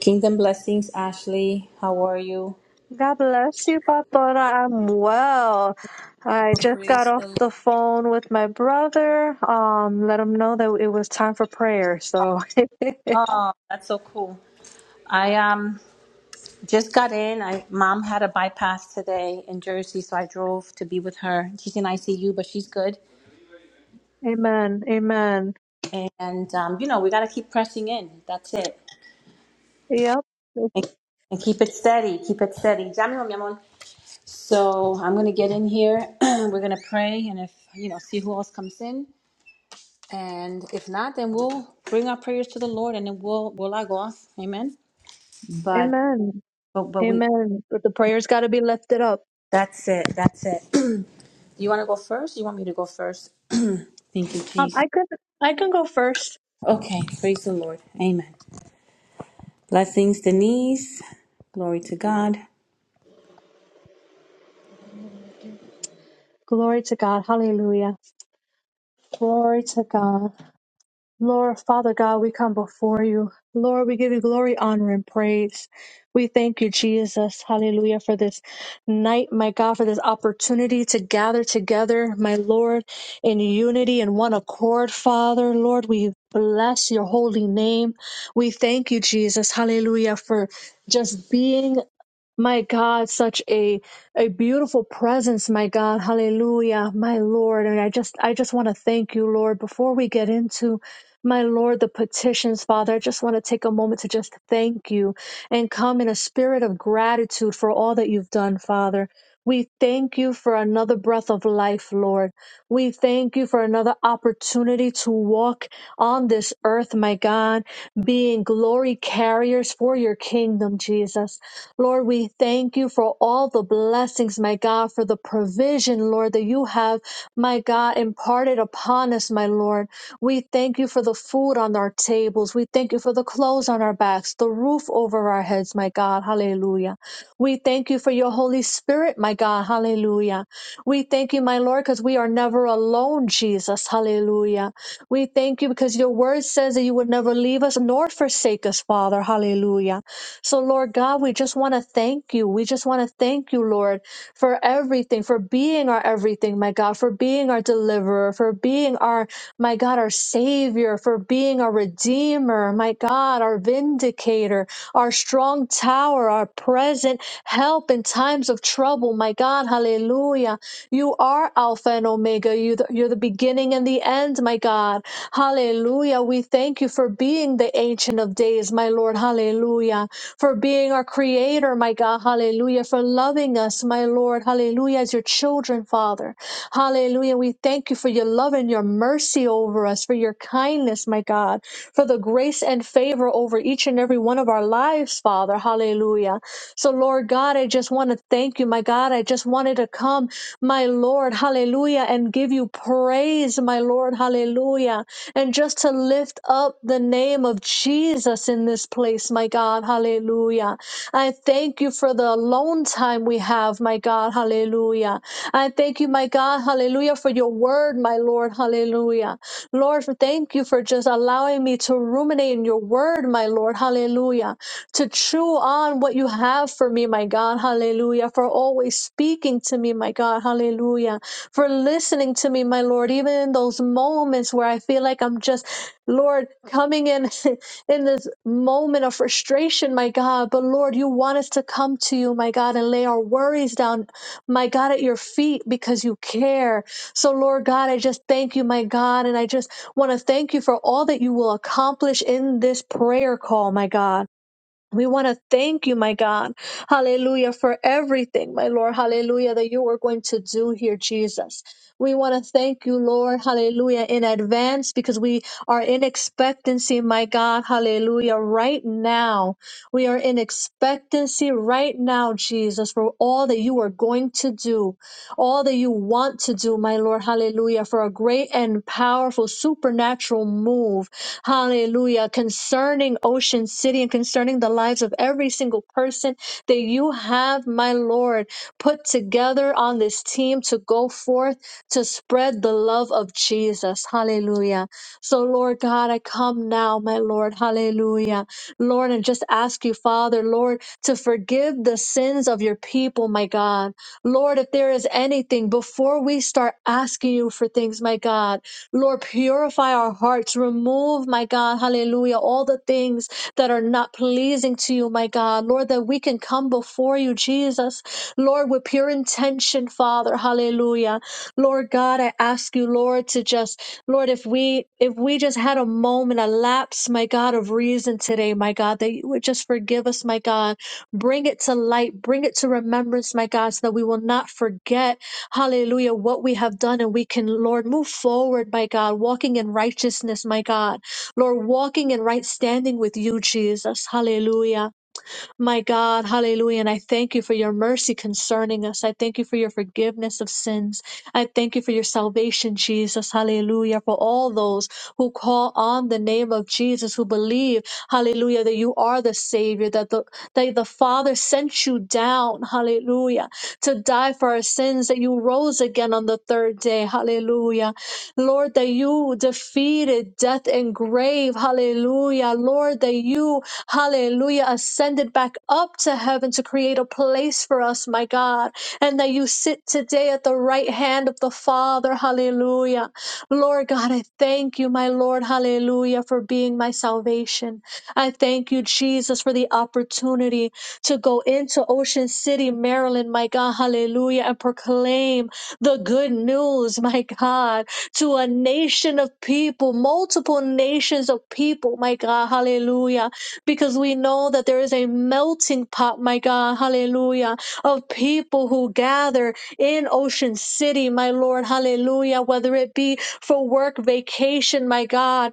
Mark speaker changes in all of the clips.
Speaker 1: Kingdom blessings, Ashley. How are you?
Speaker 2: God bless you, Pastora. I'm well. I just got
Speaker 1: Praise
Speaker 2: off
Speaker 1: the Lord.
Speaker 2: the phone with my brother. Um, let him know that it was time for prayer. So,
Speaker 1: Oh, that's so cool. I um just got in. I mom had a bypass today in Jersey, so I drove to be with her. She's in ICU, but she's good.
Speaker 2: amen. Amen.
Speaker 1: And um, you know, we gotta keep pressing in. That's it.
Speaker 2: Yep.
Speaker 1: And, and keep it steady. Keep it steady. Ya, mi amor, mi amor. So I'm gonna get in here. We're gonna pray, and if you know, see who else comes in. And if not, then we'll bring our prayers to the Lord, and then we'll we'll log off. Amen. But
Speaker 2: Amen.
Speaker 1: but but we
Speaker 2: Amen. But the prayer's got to be lifted up.
Speaker 1: that's it. That's it. Do you want to go first? You want me to go first? Thank you,
Speaker 2: Um,
Speaker 1: Jesus.
Speaker 2: I could, I can go first.
Speaker 1: Okay, praise the Lord. Amen. Blessings, Denise. Glory to God.
Speaker 2: Glory to God. Hallelujah. Glory to God. Lord, Father God, we come before you. Lord, we give you glory, honor, and praise. We thank you, Jesus. Hallelujah, for this night, my God, for this opportunity to gather together, my Lord, in unity and one accord, Father. Lord, we bless your holy name. We thank you, Jesus. Hallelujah, for just being. My God, such a a beautiful presence, my God. Hallelujah. My Lord, and I just I just want to thank you, Lord, before we get into my Lord, the petitions, Father, I just want to take a moment to just thank you and come in a spirit of gratitude for all that you've done, Father. We thank you for another breath of life, Lord. We thank you for another opportunity to walk on this earth, my God, being glory carriers for your kingdom, Jesus. Lord, we thank you for all the blessings, my God, for the provision, Lord, that you have, my God, imparted upon us, my Lord. We thank you for the food on our tables. We thank you for the clothes on our backs, the roof over our heads, my God. Hallelujah. We thank you for your Holy Spirit, my God. Hallelujah. We thank you, my Lord, because we are never alone, Jesus. Hallelujah. We thank you because your word says that you would never leave us nor forsake us, Father. Hallelujah. So, Lord God, we just want to thank you. We just want to thank you, Lord, for everything, for being our everything, my God, for being our deliverer, for being our, my God, our savior, for being our redeemer, my God, our vindicator, our strong tower, our present help in times of trouble, my God, hallelujah. You are Alpha and Omega. You the, you're the beginning and the end, my God. Hallelujah. We thank you for being the Ancient of Days, my Lord. Hallelujah. For being our Creator, my God. Hallelujah. For loving us, my Lord. Hallelujah. As your children, Father. Hallelujah. We thank you for your love and your mercy over us, for your kindness, my God, for the grace and favor over each and every one of our lives, Father. Hallelujah. So, Lord God, I just want to thank you, my God. I just wanted to come, my Lord. Hallelujah. And give you praise, my Lord. Hallelujah. And just to lift up the name of Jesus in this place, my God. Hallelujah. I thank you for the alone time we have, my God. Hallelujah. I thank you, my God. Hallelujah, for your word, my Lord. Hallelujah. Lord, thank you for just allowing me to ruminate in your word, my Lord. Hallelujah. To chew on what you have for me, my God. Hallelujah. For always speaking to me, my God. Hallelujah. For listening to me, my Lord, even in those moments where I feel like I'm just, Lord, coming in. in this moment of frustration, my God. But Lord, you want us to come to you, my God, and lay our worries down, my God, at your feet because you care. So, Lord God, I just thank you, my God. And I just want to thank you for all that you will accomplish in this prayer call, my God. We want to thank you, my God. Hallelujah for everything, my Lord. Hallelujah that you are going to do here, Jesus. We want to thank you, Lord. Hallelujah in advance because we are in expectancy, my God. Hallelujah right now. We are in expectancy right now, Jesus, for all that you are going to do, all that you want to do, my Lord. Hallelujah for a great and powerful supernatural move Hallelujah. Concerning Ocean City and concerning the lives of every single person that you have, my Lord, put together on this team to go forth to spread the love of Jesus. Hallelujah. So, Lord God, I come now, my Lord. Hallelujah. Lord, and just ask you, Father, Lord, to forgive the sins of your people, my God. Lord, if there is anything before we start asking you for things, my God. Lord, purify our hearts. Remove, my God, hallelujah, all the things that are not pleasing to you, my God. Lord, that we can come before you, Jesus. Lord, with pure intention, Father, hallelujah. Lord God, I ask you, Lord, to just, Lord, if we if we just had a moment, a lapse, my God, of reason today, my God, that you would just forgive us, my God. Bring it to light, bring it to remembrance, my God, so that we will not forget Hallelujah. What we have done, and we can, Lord, move forward, my God, walking in righteousness, my God. Lord, walking in right standing with you, Jesus. Hallelujah. My God, hallelujah. And I thank you for your mercy concerning us. I thank you for your forgiveness of sins. I thank you for your salvation, Jesus. Hallelujah. For all those who call on the name of Jesus, who believe, hallelujah, that you are the Savior, that the, that the Father sent you down, hallelujah, to die for our sins, that you rose again on the third day, hallelujah. Lord, that you defeated death and grave, hallelujah. Lord, that you hallelujah, ascended back up to heaven to create a place for us, my God, and that you sit today at the right hand of the Father, hallelujah. Lord God, I thank you, my Lord, hallelujah, for being my salvation. I thank you, Jesus, for the opportunity to go into Ocean City, Maryland, my God, hallelujah, and proclaim the good news, my God, to a nation of people, multiple nations of people, my God, hallelujah because we know that there is a melting pot, my God, hallelujah, of people who gather in Ocean City, my Lord, hallelujah, whether it be for work vacation, my God,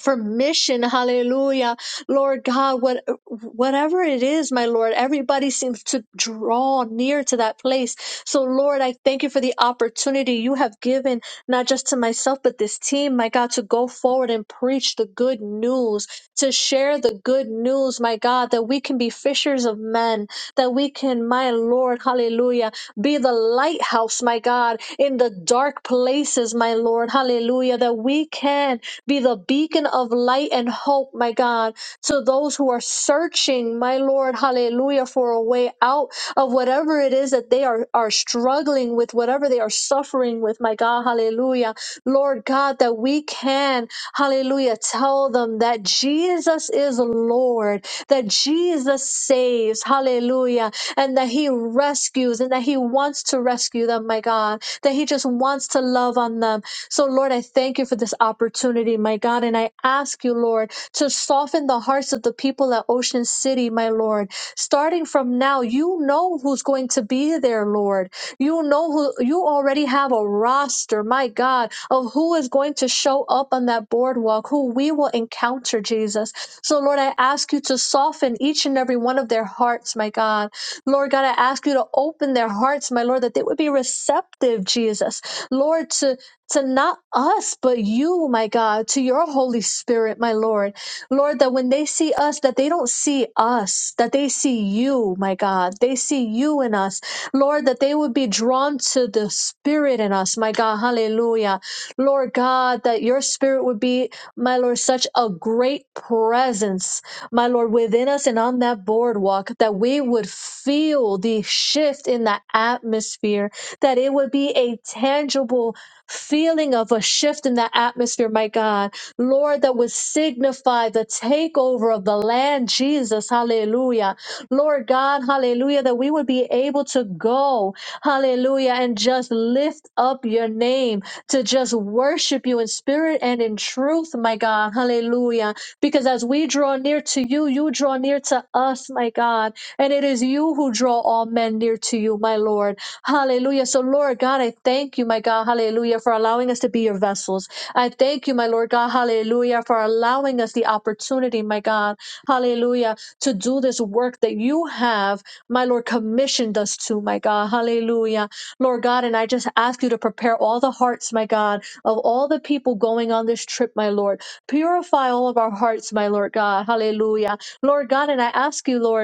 Speaker 2: for mission hallelujah lord god what whatever it is my lord everybody seems to draw near to that place so lord i thank you for the opportunity you have given not just to myself but this team my god to go forward and preach the good news to share the good news my god that we can be fishers of men that we can my lord hallelujah be the lighthouse my god in the dark places my lord hallelujah that we can be the beacon of light and hope, my God, to those who are searching, my Lord, hallelujah, for a way out of whatever it is that they are, are struggling with, whatever they are suffering with, my God, hallelujah. Lord God, that we can, hallelujah, tell them that Jesus is Lord, that Jesus saves, hallelujah, and that He rescues and that He wants to rescue them, my God, that He just wants to love on them so, Lord, I thank you for this opportunity, my God. And I ask you, Lord, to soften the hearts of the people at Ocean City, my Lord. Starting from now, you know who's going to be there, Lord. You know who, you already have a roster, my God, of who is going to show up on that boardwalk, who we will encounter, Jesus. So, Lord, I ask you to soften each and every one of their hearts, my God. Lord God, I ask you to open their hearts, my Lord, that they would be receptive, Jesus. Lord, to to not us, but you, my God, to your Holy Spirit, my Lord. Lord, that when they see us, that they don't see us, that they see you, my God. They see you in us. Lord, that they would be drawn to the Spirit in us, my God. Hallelujah. Lord God, that your Spirit would be, my Lord, such a great presence, my Lord, within us and on that boardwalk, that we would feel the shift in the atmosphere, that it would be a tangible feeling of a shift in the atmosphere, my God. Lord, that would signify the takeover of the land, Jesus. Hallelujah. Lord God, hallelujah, that we would be able to go, hallelujah, and just lift up your name, to just worship you in spirit and in truth, my God. Hallelujah. Because as we draw near to you, you draw near to us, my God. And it is you who draw all men near to you, my Lord. Hallelujah. So, Lord God, I thank you, my God. Hallelujah. For allowing us to be your vessels. I thank you, my Lord God. Hallelujah. For allowing us the opportunity, my God. Hallelujah. To do this work that you have, my Lord, commissioned us to, my God. Hallelujah. Lord God, and I just ask you to prepare all the hearts, my God, of all the people going on this trip, my Lord. Purify all of our hearts, my Lord God. Hallelujah. Lord God, and I ask you, Lord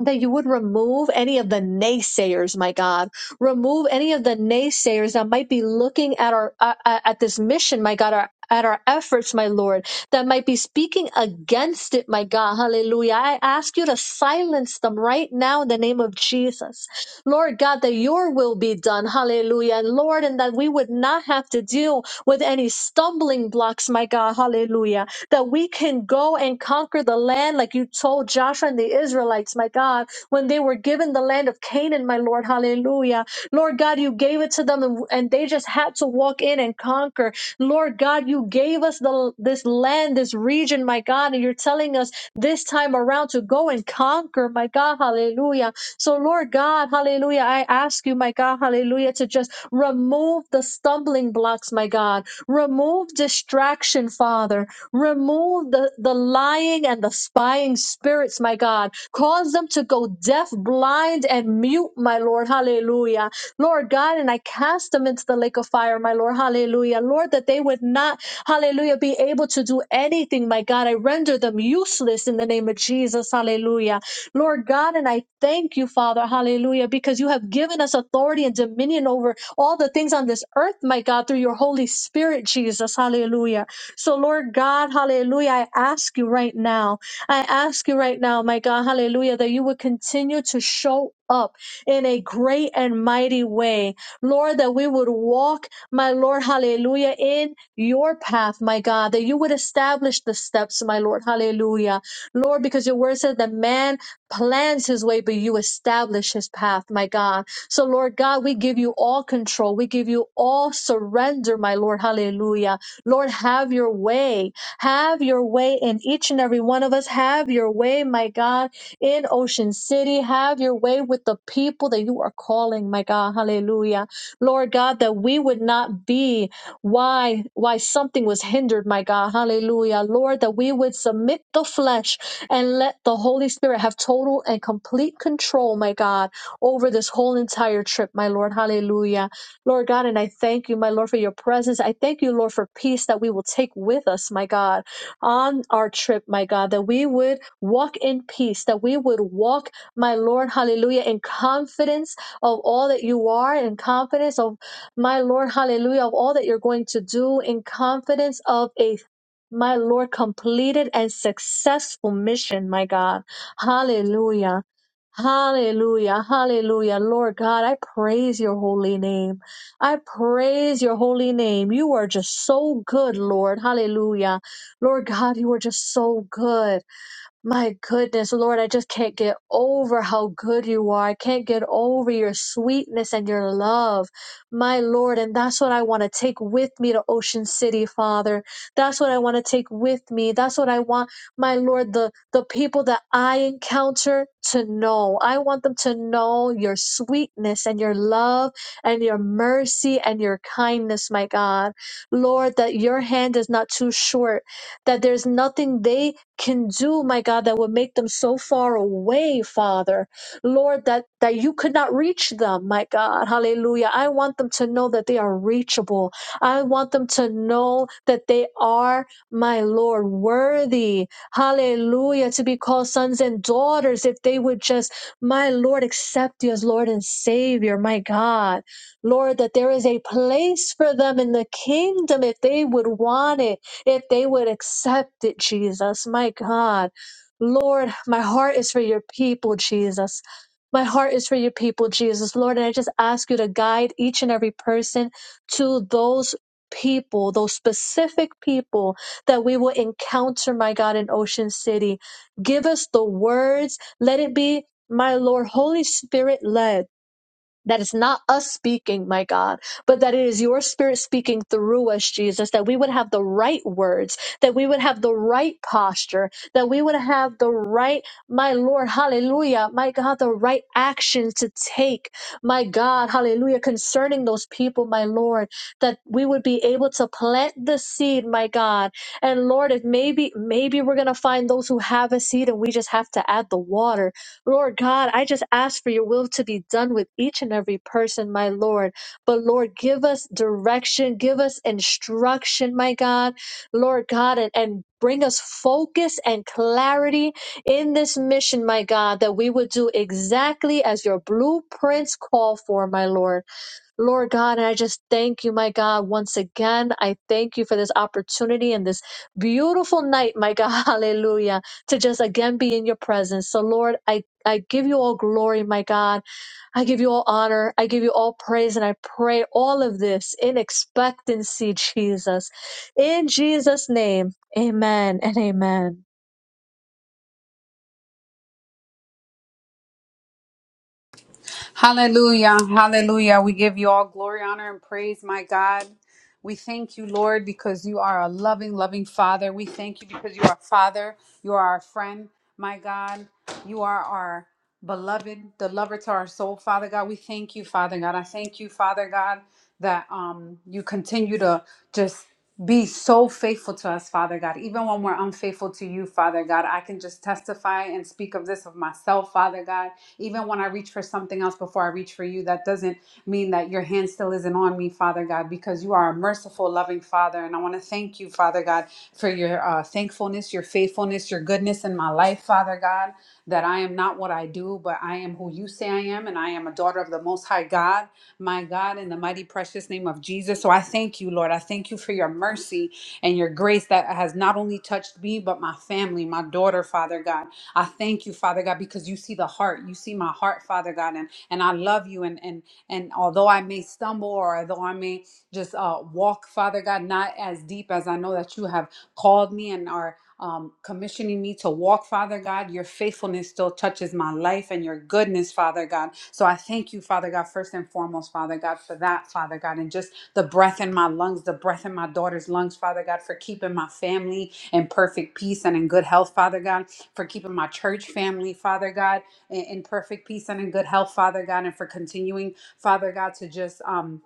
Speaker 2: that you would remove any of the naysayers, my God. Remove any of the naysayers that might be looking at our uh, uh, at this mission, my God, our at our efforts, my Lord, that might be speaking against it, my God. Hallelujah. I ask you to silence them right now in the name of Jesus. Lord God, that your will be done. Hallelujah. And Lord, and that we would not have to deal with any stumbling blocks, my God. Hallelujah that we can go and conquer the land like you told Joshua and the Israelites, my God, when they were given the land of Canaan, my Lord. Hallelujah. Lord God, you gave it to them and, and they just had to walk in and conquer. Lord God, you gave us the this land, this region, my God, and you're telling us this time around to go and conquer, my God. Hallelujah. So, Lord God, hallelujah, I ask you, my God, hallelujah, to just remove the stumbling blocks, my God. Remove distraction, Father. Remove the, the lying and the spying spirits, my God. Cause them to go deaf, blind, and mute, my Lord. Hallelujah. Lord God, and I cast them into the lake of fire, my Lord. Hallelujah. Lord, that they would not, hallelujah, be able to do anything, my God. I render them useless in the name of Jesus. Hallelujah. Lord God, and I thank you, Father. Hallelujah, because you have given us authority and dominion over all the things on this earth, my God, through your Holy Spirit, Jesus. Hallelujah. So, Lord God, hallelujah, I ask you right now, I ask you right now, my God, hallelujah, that you would continue to show up in a great and mighty way. Lord, that we would walk, my Lord, hallelujah, in your path, my God, that you would establish the steps, my Lord, hallelujah. Lord, because your word says that man plans his way, but you establish his path, my God. So, Lord God, we give you all control. We give you all surrender, my Lord, hallelujah. Lord, have your way. Have your way in each and every one of us. Have your way, my God, in Ocean City. Have your way with the people that you are calling, my God. Hallelujah. Lord God, that we would not be why why something was hindered, my God. Hallelujah. Lord, that we would submit the flesh and let the Holy Spirit have total and complete control, my God, over this whole entire trip, my Lord. Hallelujah. Lord God, and I thank you, my Lord, for your presence. I thank you, Lord, for peace that we will take with us, my God, on our trip, my God, that we would walk in peace, that we would walk, my Lord, hallelujah, in confidence of all that you are, in confidence of, my Lord, hallelujah, of all that you're going to do, in confidence of a my Lord, completed and successful mission, my God. Hallelujah. Hallelujah. Hallelujah. Lord God, I praise your holy name. I praise your holy name. You are just so good, Lord. Hallelujah. Lord God, you are just so good. My goodness, Lord, I just can't get over how good you are. I can't get over your sweetness and your love. My Lord, and that's what I want to take with me to Ocean City, Father. That's what I want to take with me. That's what I want, my Lord, the, the people that I encounter to know. I want them to know your sweetness and your love and your mercy and your kindness, my God. Lord, that your hand is not too short, that there's nothing they can do, my God, that would make them so far away, Father. Lord, that, that you could not reach them, my God. Hallelujah. I want them to know that they are reachable. I want them to know that they are, my Lord, worthy. Hallelujah. To be called sons and daughters if they would just, my Lord, accept you as Lord and Savior, my God. Lord, that there is a place for them in the kingdom if they would want it. If they would accept it, Jesus, my God. Lord, my heart is for your people, Jesus. My heart is for your people, Jesus. Lord, and I just ask you to guide each and every person to those people, those specific people that we will encounter, my God, in Ocean City. Give us the words. Let it be, my Lord, Holy Spirit led. That is not us speaking, my God, but that it is your spirit speaking through us, Jesus, that we would have the right words, that we would have the right posture, that we would have the right, my Lord, hallelujah, my God, the right action to take, my God, hallelujah, concerning those people, my Lord, that we would be able to plant the seed, my God. And Lord, if maybe, maybe we're going to find those who have a seed and we just have to add the water Lord God, I just ask for your will to be done with each and every person, my Lord. But Lord, give us direction, give us instruction, my God, Lord God, and, and bring us focus and clarity in this mission, my God, that we would do exactly as your blueprints call for, my Lord. Lord God, and I just thank you, my God, once again. I thank you for this opportunity and this beautiful night, my God, hallelujah, to just again be in your presence. So, Lord, I, I give you all glory, my God. I give you all honor. I give you all praise. And I pray all of this in expectancy, Jesus. In Jesus' name, amen and amen.
Speaker 3: Hallelujah. Hallelujah. We give you all glory, honor, and praise, my God. We thank you, Lord, because you are a loving, loving Father. We thank you because you are Father. You are our friend, my God. You are our beloved, the lover to our soul, Father God. We thank you, Father God. I thank you, Father God, that um, you continue to just be so faithful to us, Father God. Even when we're unfaithful to you, Father God, I can just testify and speak of this of myself, Father God. Even when I reach for something else before I reach for you, that doesn't mean that your hand still isn't on me, Father God, because you are a merciful, loving Father. And I want to thank you, Father God, for your uh, thankfulness, your faithfulness, your goodness in my life, Father God, that I am not what I do, but I am who you say I am, and I am a daughter of the Most High God, my God, in the mighty, precious name of Jesus. So I thank you, Lord. I thank you for your mercy and your grace that has not only touched me, but my family, my daughter, Father God. I thank you, Father God, because you see the heart. You see my heart, Father God, and and I love you. And and and although I may stumble or although I may just uh, walk, Father God, not as deep as I know that you have called me and are um, commissioning me to walk, Father God. Your faithfulness still touches my life and your goodness, Father God. So I thank you, Father God, first and foremost, Father God, for that, Father God, and just the breath in my lungs, the breath in my daughter's lungs, Father God, for keeping my family in perfect peace and in good health, Father God for keeping my church family, Father God, in, in perfect peace and in good health, Father God, and for continuing, Father God, to just um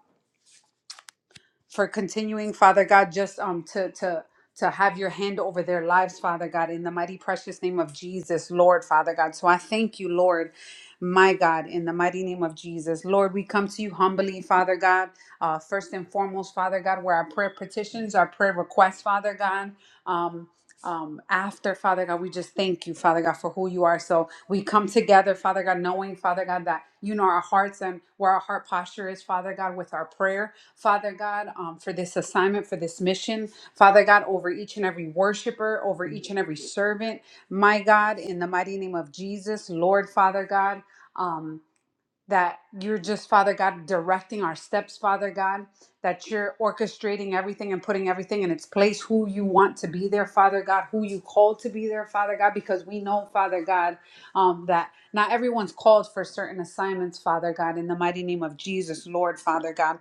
Speaker 3: for continuing, Father God, just um to to to have your hand over their lives, Father God, in the mighty precious name of Jesus, Lord, Father God. So I thank you, Lord, my God, in the mighty name of Jesus. Lord, we come to you humbly, Father God. Uh, first and foremost, Father God, where our prayer petitions, our prayer requests, Father God. Um, um, after Father God, we just thank you, Father God, for who you are. So we come together, Father God, knowing, Father God, that you know our hearts and where our heart posture is, Father God, with our prayer. Father God, um, for this assignment, for this mission. Father God, over each and every worshiper, over each and every servant. My God, in the mighty name of Jesus, Lord, Father God. um that you're just, Father God, directing our steps, Father God, that you're orchestrating everything and putting everything in its place, who you want to be there, Father God, who you called to be there, Father God, because we know, Father God, um, that not everyone's called for certain assignments, Father God, in the mighty name of Jesus, Lord, Father God.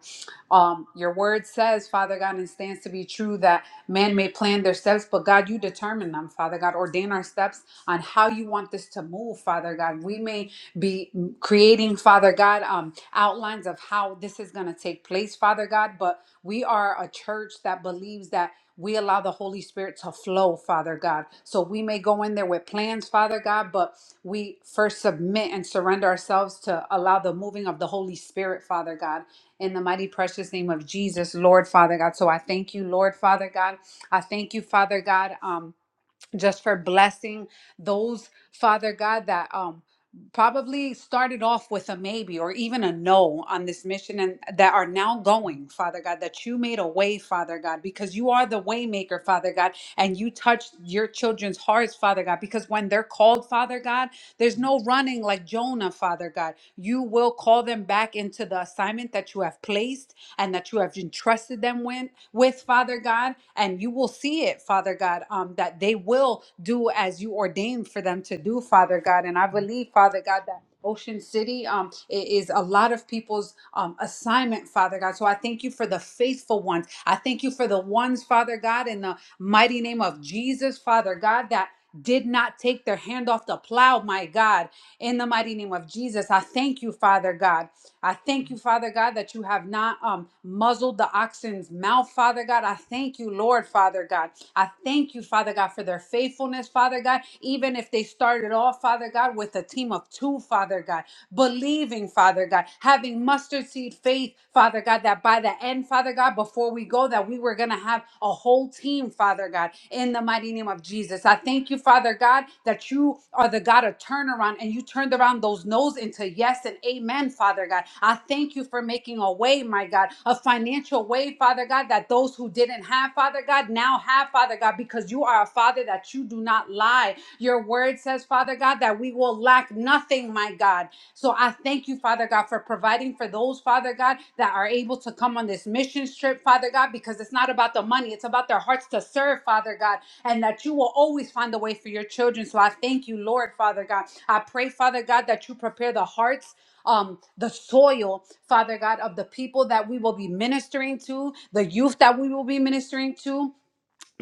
Speaker 3: Um, your word says, Father God, and stands to be true that man may plan their steps, but God, you determine them, Father God. Ordain our steps on how you want this to move, Father God. We may be creating, Father God, um, outlines of how this is going to take place, Father God. But we are a church that believes that we allow the Holy Spirit to flow, Father God. So we may go in there with plans, Father God, but we first submit and surrender ourselves to allow the moving of the Holy Spirit, Father God. In the mighty precious name of Jesus, Lord Father God. So I thank you, Lord Father God. I thank you, Father God. Um, just for blessing those father god that um probably started off with a maybe or even a no on this mission and that are now going father god that you made a way father god because you are the waymaker father god and you touched your children's hearts father god because when they're called father god there's no running like jonah father god you will call them back into the assignment that you have placed and that you have entrusted them with, with Father God. And you will see it, Father God, um, that they will do as you ordained for them to do, Father God. And I believe, Father God, that. Ocean City um, i- is a lot of people's um, assignment, Father God. So I thank you for the faithful ones. I thank you for the ones, Father God, in the mighty name of Jesus, Father God, that did not take their hand off the plow, my God, in the mighty name of Jesus. I thank you, Father God. I thank you, Father God, that you have not um, muzzled the oxen's mouth, Father God. I thank you, Lord, Father God. I thank you, Father God, for their faithfulness, Father God. Even if they started off, Father God, with a team of two, Father God believing, Father God, having mustard seed faith, Father God, that by the end, Father God, before we go, that we were going to have a whole team, Father God, in the mighty name of Jesus. I thank you, Father God, that you are the God of turnaround and you turned around those no's into yes and amen, Father God. I thank you for making a way, my God, a financial way, Father God, that those who didn't have, Father God, now have, Father God, because you are a Father that you do not lie. Your word says, Father God, that we will lack nothing, my God. So I thank you, Father God, for providing for those, Father God, that are able to come on this mission trip, Father God, because it's not about the money, it's about their hearts to serve, Father God, and that you will always find a way for your children. So I thank you, Lord, Father God. I pray, Father God, that you prepare the hearts. Um, the soil, Father God, of the people that we will be ministering to, the youth that we will be ministering to,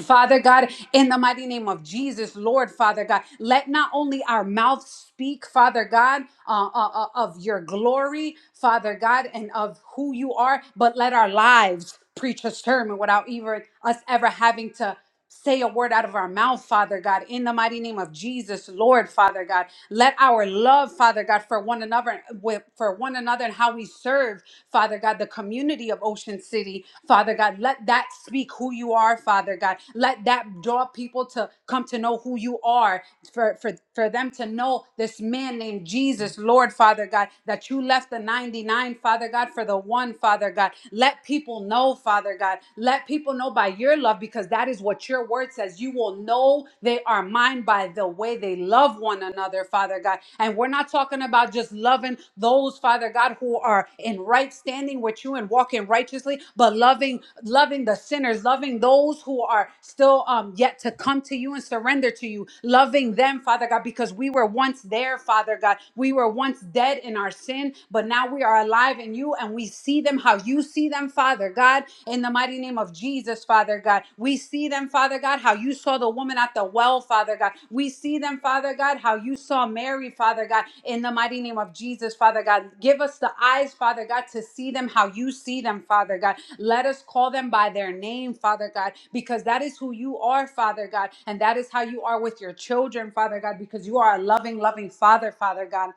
Speaker 3: Father God, in the mighty name of Jesus, Lord Father God, let not only our mouth speak, Father God, uh, uh, uh, of your glory, Father God, and of who you are, but let our lives preach a sermon without even us ever having to say a word out of our mouth, Father God, in the mighty name of Jesus, Lord, Father God. Let our love, Father God, for one another, with- for one another and how we serve, Father God, the community of Ocean City, Father God, let that speak who you are, Father God. Let that draw people to come to know who you are, for, for, for them to know this man named Jesus, Lord, Father God, that you left the 99, Father God, for the one, Father God. Let people know, Father. Father God. Let people know by your love because that is what your word says. You will know they are mine by the way they love one another, Father God. And we're not talking about just loving those, Father God, who are in right standing with you and walking righteously, but loving loving the sinners, loving those who are still um yet to come to you and surrender to you, loving them, Father God, because we were once there, Father God. We were once dead in our sin, but now we are alive in in you and we see them how you see them, Father God, in the mighty name of Jesus, Father God. We see them, Father God, how you saw the woman at the well, Father God. We see them, Father God, how you saw Mary, Father God, in the mighty name of Jesus, Father God. Give us the eyes, Father God, to see them how you see them, Father God. Let us call them by their name, Father God, because that is who you are, Father God, and that is how you are with your children, Father God, because you are a loving, loving Father, Father God.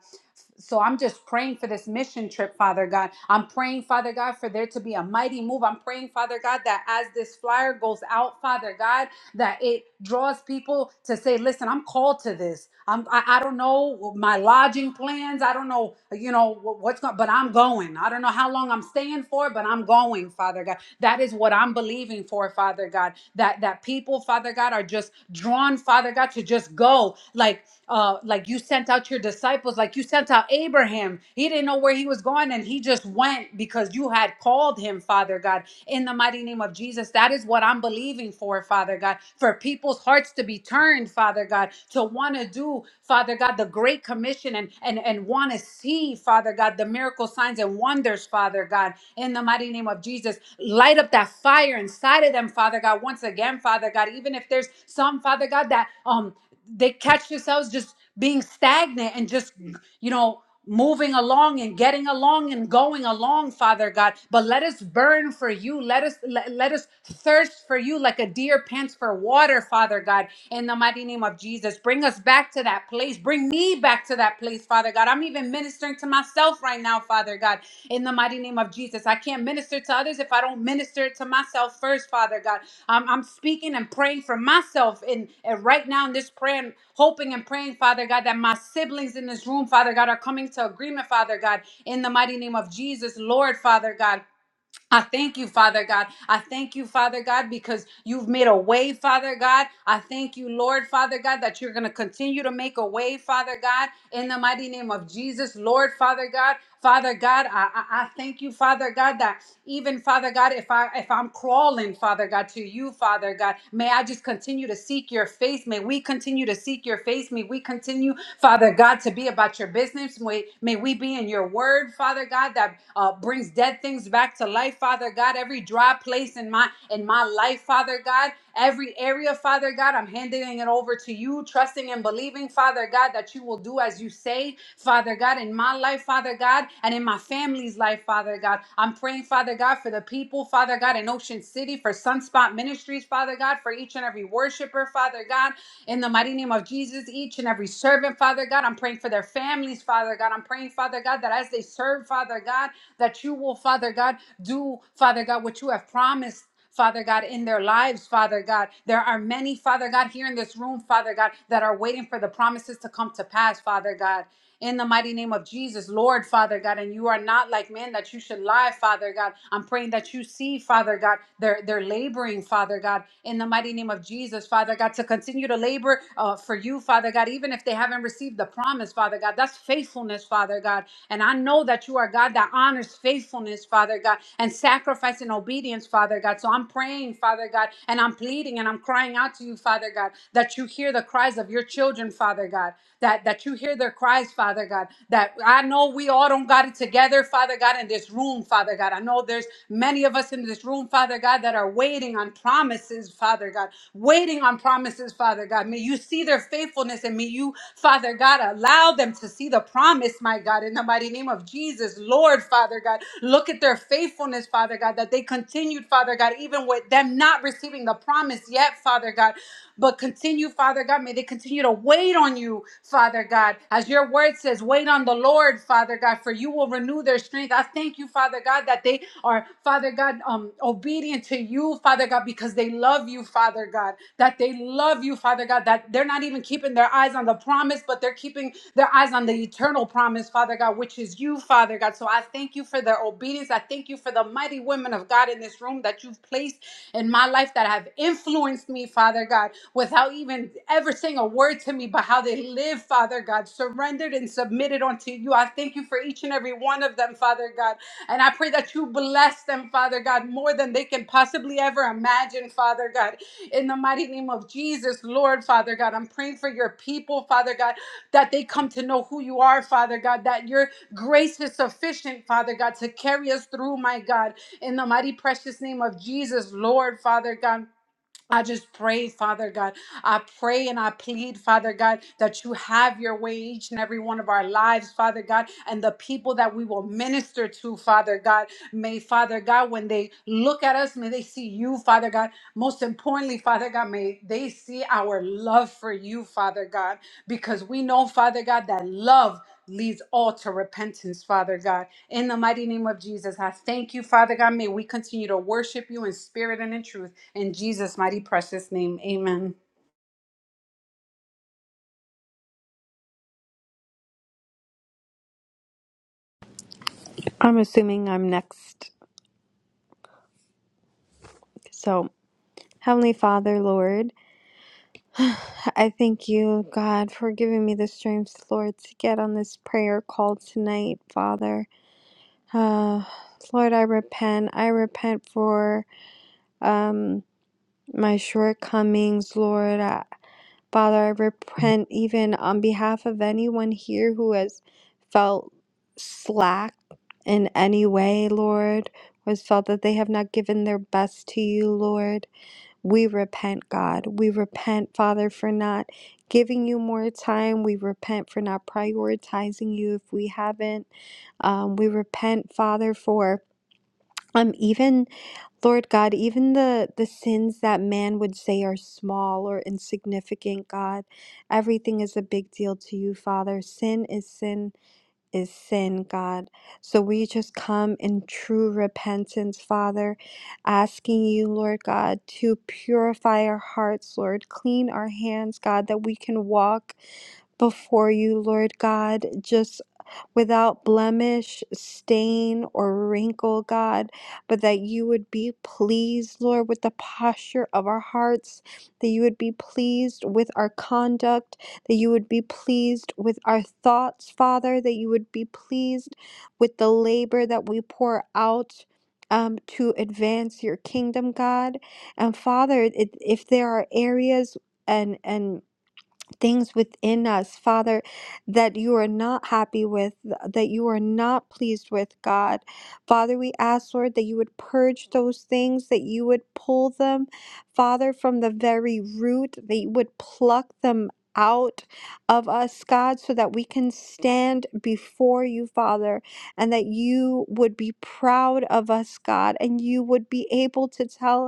Speaker 3: So I'm just praying for this mission trip, Father God. I'm praying, Father God, for there to be a mighty move. I'm praying, Father God, that as this flyer goes out, Father God, that it draws people to say, listen, I'm called to this. I'm, I, I don't know my lodging plans. I don't know, you know, wh- what's going, but I'm going. I don't know how long I'm staying for, but I'm going, Father God. That is what I'm believing for, Father God. That, that people, Father God, are just drawn, Father God, to just go. Like, uh, like you sent out your disciples, like you sent out Abraham. He didn't know where he was going and he just went because you had called him, Father God, in the mighty name of Jesus. That is what I'm believing for, Father God, for people's hearts to be turned, Father God, to want to do, Father God, the great commission and and and want to see, Father God, the miracle signs and wonders, Father God, in the mighty name of Jesus. Light up that fire inside of them, Father God, once again, Father God, even if there's some, Father God, that um they catch themselves just being stagnant and just you know moving along and getting along and going along father god but let us burn for you let us let, let us thirst for you like a deer pants for water father god in the mighty name of jesus bring us back to that place bring me back to that place father god i'm even even ministering to myself right now, Father God, in the mighty name of Jesus. I can't minister to others if I don't minister to myself first, Father God. Um, I'm speaking and praying for myself in, and right now in this prayer, and hoping and praying, Father God, that my siblings in this room, Father God, are coming to agreement, Father God, in the mighty name of Jesus, Lord, Father God. I thank you, Father God. I thank you, Father God, because you've made a way, Father God. I thank you, Lord, Father God, that you're going to continue to make a way, Father God, in the mighty name of Jesus, Lord, Father God. Father God, I, I, I thank you, Father God, that even Father God, if I if I'm crawling, Father God, to you, Father God, may I just continue to seek your face. May we continue to seek your face. May we continue, Father God, to be about your business spirits. May, may we be in your word, Father God, that uh, brings dead things back to life, Father God. Every dry place in my in my life, Father God. Every area, Father God, I'm handing it over to you, trusting and believing, Father God, that you will do as you say, Father God, in my life, Father God, and in my family's life, Father God. I'm praying, Father God, for the people, Father God, in Ocean City, for Sunspot Ministries, Father God, for each and every worshiper, Father God. In the mighty name of Jesus, each and every servant, Father God, I'm praying for their families, Father God. I'm praying, Father God, that as they serve, Father God, that you will, Father God, do, Father God, what you have promised. Father God, in their lives, Father God. There are many, Father God, here in this room, Father God, that are waiting for the promises to come to pass, Father God in the mighty name of Jesus, Lord, Father God. And you are not like men that you should lie, Father God. I'm praying that you see, Father God, they're, they're laboring, Father God, in the mighty name of Jesus, Father God, to continue to labor uh, for you, Father God, even if they haven't received the promise, Father God. That's faithfulness, Father God. And I know that you are God that honors faithfulness, Father God, and sacrifice and obedience, Father God. So I'm praying, Father God, and I'm pleading and I'm crying out to you, Father God, that you hear the cries of your children, Father God, that, that you hear their cries, Father God, that I know we all don't got it together, Father God, in this room, Father God. I know there's many of us in this room, Father God, that are waiting on promises, Father God, waiting on promises, Father God. May you see their faithfulness and may you, Father God, allow them to see the promise, my God, in the mighty name name of Jesus, Lord, Father God. Look at their faithfulness, Father God, that they continued, Father God, even with them not receiving the promise yet, Father God. But continue, Father God. May they continue to wait on you, Father God. As your word says, wait on the Lord, Father God, for you will renew their strength. I thank you, Father God, that they are, Father God, um, obedient to you, Father God, because they love you, Father God. that they. They love you, Father God, that they're not even keeping their eyes on the promise, but they're keeping their eyes on the eternal promise, Father God, which is you, Father God. So I thank you for their obedience. I thank you for the mighty women of God in this room that you've placed in my life that have influenced me, Father God, without even ever saying a word to me, but how they live, Father God, surrendered and submitted unto you. I thank you for each and every one of them, Father God. And I pray that you bless them, Father God, more than they can possibly ever imagine, Father God. In the mighty name of Jesus, Lord, Father God, I'm praying for your people, Father God, that they come to know who you are, Father God, that your grace is sufficient, Father God, to carry us through, my God. In the mighty precious name of Jesus, Lord, Father God. I just pray, Father God. I pray and I plead, Father God, that you have your way each and every one of our lives, Father God, and the people that we will minister to, Father God. May, Father God, when they look at us, may they see you, Father God. Most importantly, Father God, may they see our love for you, Father God, because we know, Father God, that love leads all to repentance, Father God. In the mighty name of Jesus, I thank you, Father God. May we continue to worship you in spirit and in truth. In Jesus' mighty precious name, amen.
Speaker 4: I'm assuming I'm next. So, Heavenly Father, Lord, I thank you, God, for giving me the strength, Lord, to get on this prayer call tonight, Father. Uh, Lord, I repent. I repent for um, my shortcomings, Lord. I, Father, I repent even on behalf of anyone here who has felt slack in any way, Lord, or has felt that they have not given their best to you, Lord. We repent, God. We repent, Father, for not giving you more time. We repent for not prioritizing you if we haven't. Um, we repent, Father, for um even Lord God, even the the sins that man would say are small or insignificant, God, everything is a big deal to you, Father. Sin is sin is sin, God. So we just come in true repentance, Father, asking you, Lord God, to purify our hearts, Lord, clean our hands, God, that we can walk before you, Lord God, just without blemish, stain, or wrinkle, God, but that you would be pleased, Lord, with the posture of our hearts, that you would be pleased with our conduct, that you would be pleased with our thoughts, Father, that you would be pleased with the labor that we pour out. Um, to advance your kingdom, God. And Father, it, if there are areas and and things within us, Father, that you are not happy with, th- that you are not pleased with, God. Father, we ask, Lord, that you would purge those things, that you would pull them, Father, from the very root, that you would pluck them out of us, God, so that we can stand before you, Father, and that you would be proud of us, God, and you would be able to tell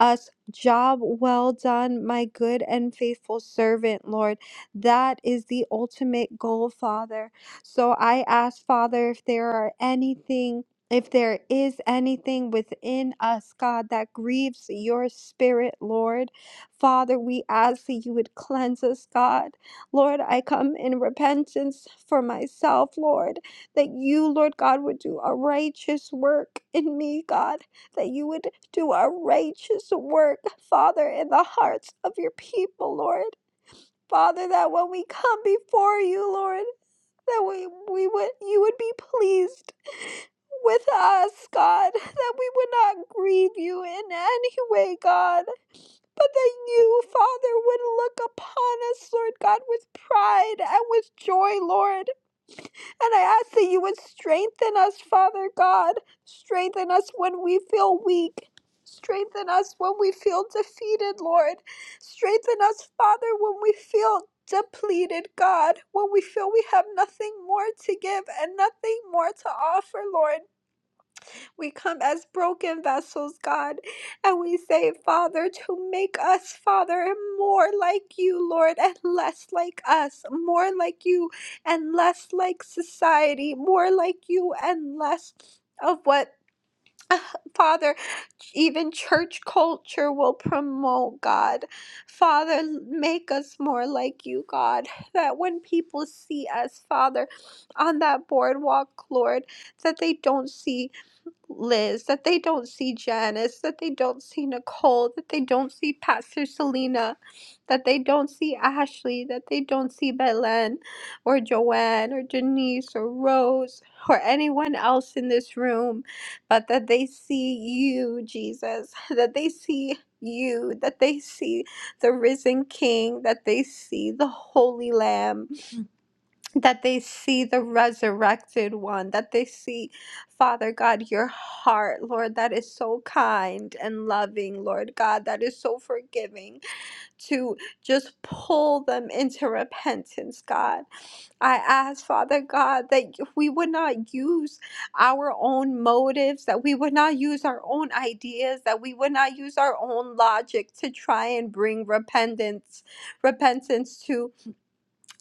Speaker 4: us, Job well done, my good and faithful servant, Lord. That is the ultimate goal, Father. So I ask, Father, if there are anything. If there is anything within us, God, that grieves your spirit, Lord, Father, we ask that you would cleanse us, God. Lord, I come in repentance for myself, Lord, that you, Lord God, would do a righteous work in me, God that you would do outrageous work, Father, in the hearts of your people, Lord. Father, that when we come before you, Lord, that we, we would you would be pleased with us, God, that we would not grieve you in any way, God, but that you, Father, would look upon us, Lord God, with pride and with joy, Lord. And I ask that you would strengthen us, Father God. Strengthen us when we feel weak. Strengthen us when we feel defeated, Lord. Strengthen us, Father, when we feel depleted, God. When we feel we have nothing more to give and nothing more to offer, Lord. We come as broken vessels, God, and we say, Father, to make us, Father, more like you, Lord, and less like us, more like you and less like society, more like you and less of what, Father, even church culture will promote, God. Father, make us more like you, God, that when people see us, Father, on that boardwalk, Lord, that they don't see. Liz, that they don't see Janice, that they don't see Nicole, that they don't see Pastor Selena, that they don't see Ashley, that they don't see Belen or Joanne or Denise or Rose or anyone else in this room, but that they see you, Jesus, that they see you, that they see the risen King, that they see the Holy Lamb that they see the resurrected one, that they see, Father God, your heart, Lord, that is so kind and loving, Lord God, that is so forgiving to just pull them into repentance, God. I ask, Father God, that we would not use our own motives, that we would not use our own ideas, that we would not use our own logic to try and bring repentance, repentance to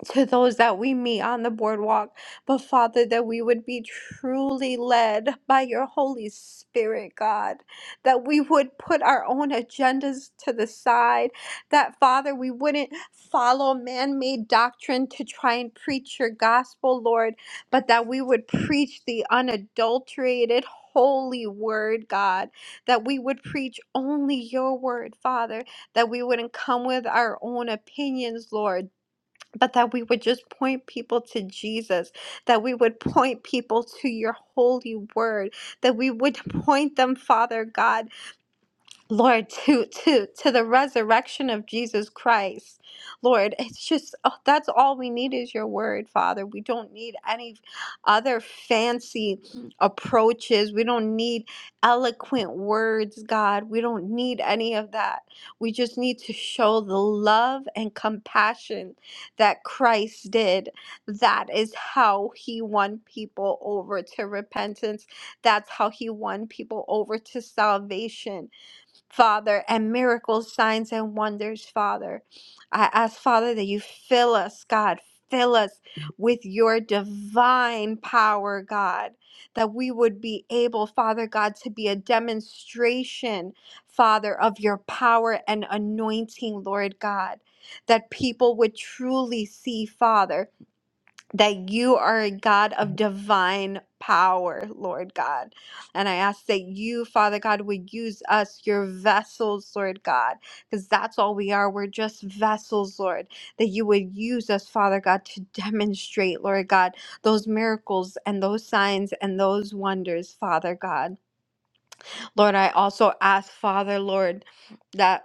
Speaker 4: to those that we meet on the boardwalk, but Father, that we would be truly led by your Holy Spirit, God, that we would put our own agendas to the side, that Father, we wouldn't follow man made doctrine to try and preach your gospel, Lord, but that we would preach the unadulterated. Holy word, God, that we would preach only your word, Father, that we wouldn't come with our own opinions, Lord but that we would just point people to Jesus, that we would point people to your holy word, that we would point them, Father God. Lord, to to to the resurrection of Jesus Christ. Lord, it's just oh, that's all we need is your word, Father. We don't need any other fancy approaches. We don't need eloquent words, God. We don't need any of that. We just need to show the love and compassion that Christ did. That is how he won people over to repentance. That's how he won people over to salvation Father, and miracles, signs, and wonders, Father. I ask, Father, that you fill us, God, fill us with your divine power, God, that we would be able, Father God, to be a demonstration, Father, of your power and anointing, Lord God, that people would truly see, Father that you are a God of divine power, Lord God. And I ask that you, Father God, would use us, your vessels, Lord God, because that's all we are. We're just vessels, Lord. That you would use us, Father God, to demonstrate, Lord God, those miracles and those signs and those wonders, Father God. Lord, I also ask, Father, Lord, that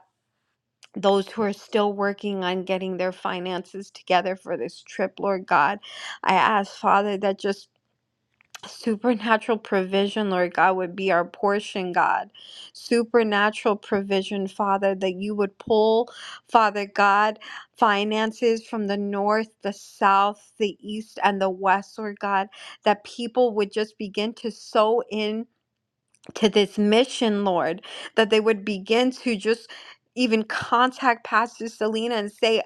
Speaker 4: those who are still working on getting their finances together for this trip, Lord God. I ask, Father, that just supernatural provision, Lord God, would be our portion, God. Supernatural provision, Father, that you would pull, Father God, finances from the north, the south, the east, and the west, Lord God, that people would just begin to sow in to this mission, Lord, that they would begin to just even contact Pastor Selena and say,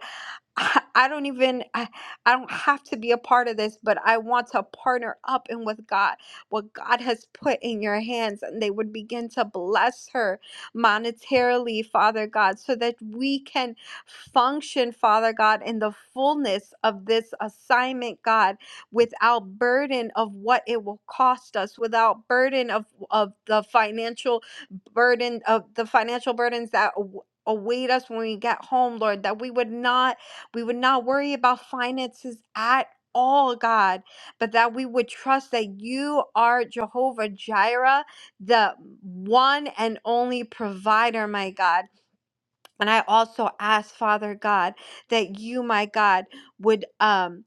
Speaker 4: I I don't even I, I don't have to be a part of this, but I want to partner up in with God, what God has put in your hands, and they would begin to bless her monetarily, Father God, so that we can function, Father God, in the fullness of this assignment, God, without burden of what it will cost us, without burden of of the financial burden of the financial burdens that aw- await us when we get home, Lord, that we would not we would not worry about finances at all, God, but that we would trust that you are Jehovah Jireh, the one and only provider, my God. And I also ask, Father God, that you, my God, would um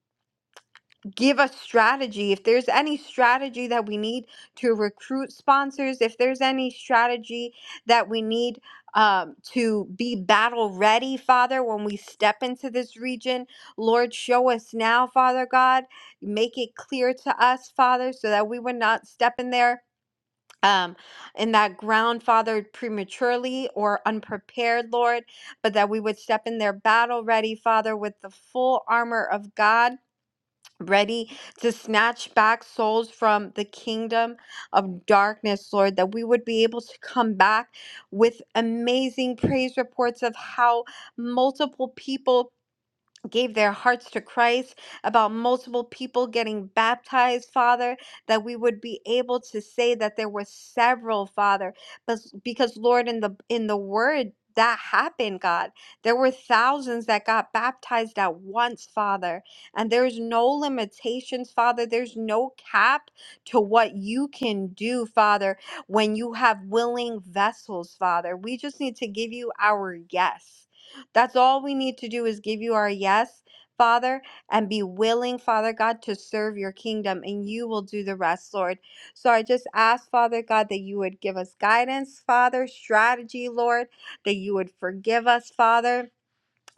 Speaker 4: give us strategy. If there's any strategy that we need to recruit sponsors, if there's any strategy that we need um, to be battle ready, Father, when we step into this region, Lord, show us now, Father God. Make it clear to us, Father, so that we would not step in there. Um, in that ground, Father, prematurely or unprepared, Lord, but that we would step in there battle ready, Father, with the full armor of God ready to snatch back souls from the kingdom of darkness, Lord, that we would be able to come back with amazing praise reports of how multiple people gave their hearts to Christ, about multiple people getting baptized, Father, that we would be able to say that there were several, Father, but because Lord in the in the word that happened, God. There were thousands that got baptized at once, Father. And there's no limitations, Father. There's no cap to what you can do, Father, when you have willing vessels, Father. We just need to give you our yes. That's all we need to do is give you our yes, Father, and be willing, Father God, to serve your kingdom, and you will do the rest, Lord. So I just ask, Father God, that you would give us guidance, Father, strategy, Lord, that you would forgive us, Father,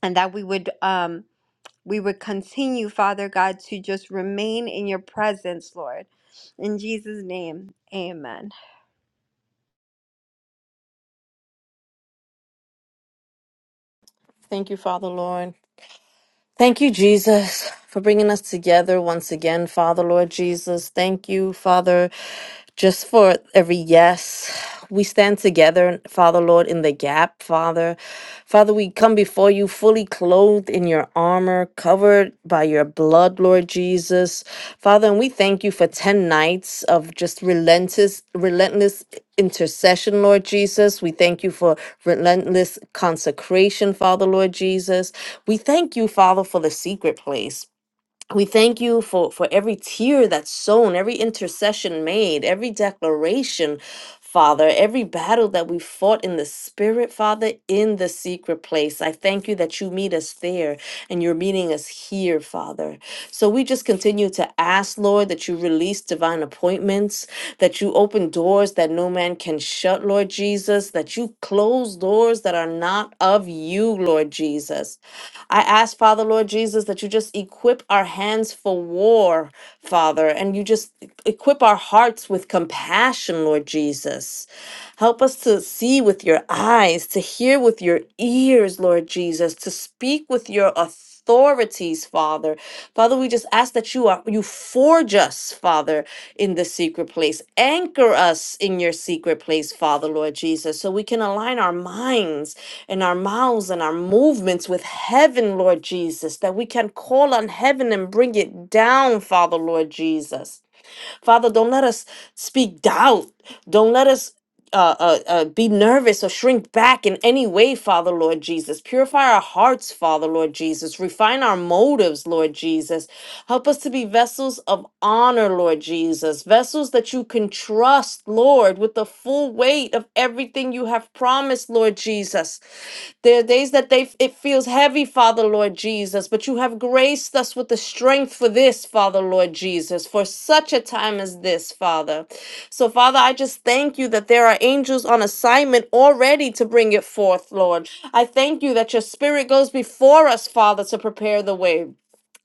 Speaker 4: and that we would um we would continue, Father God, to just remain in your presence, Lord. In Jesus' name, amen.
Speaker 5: Thank you, Father Lord. Thank you, Jesus, for bringing us together once again, Father Lord Jesus. Thank you, Father, just for every yes. We stand together, Father Lord, in the gap, Father. Father, we come before you fully clothed in your armor, covered covered by your blood, Lord Jesus. Father, and we thank you for 10 nights of just relentless, relentless intercession, Lord Jesus. We thank you for relentless consecration, Father, Lord Jesus. We thank you, Father, for the secret place. We thank you for, for every tear that's sown, every intercession made, every declaration, Father, every battle that we fought in the Spirit, Father, in the secret place. I thank you that you meet us there and you're meeting us here, Father. So we just continue to ask, Lord, that you release divine divine appointments, that you open doors that no man can shut, Lord Jesus, that you close doors that are not of you, Lord Jesus. I ask, Father, Lord Jesus, that you just equip our hands for war, Father, and you just equip our hearts with compassion, Lord Jesus. Help us to see with your eyes, to hear with your ears, Lord Jesus, to speak with your authorities, Father. Father, we just ask that you are you forge us, Father, in the secret place. Anchor us in your secret place, Father, Lord Jesus, so we can align our minds and our mouths and our movements with heaven, Lord Jesus, that we can call on heaven and bring it down, Father, Lord Jesus. Father, don't let us speak doubt. Don't let us uh, uh, uh, be nervous or shrink back in any way, Father, Lord Jesus. Purify our hearts, Father, Lord Jesus. Refine our motives, Lord Jesus. Help us to be vessels of honor, Lord Jesus. Vessels that you can trust, Lord, with the full weight of everything you have promised, Lord Jesus. There are days that they it feels heavy, Father Lord Jesus, but you have graced us with the strength for this, Father Lord Jesus, for such a time as this, Father. So, Father, I just thank you that there are angels on assignment already to bring it forth, Lord. I thank you that your spirit goes before us, Father, to prepare the way.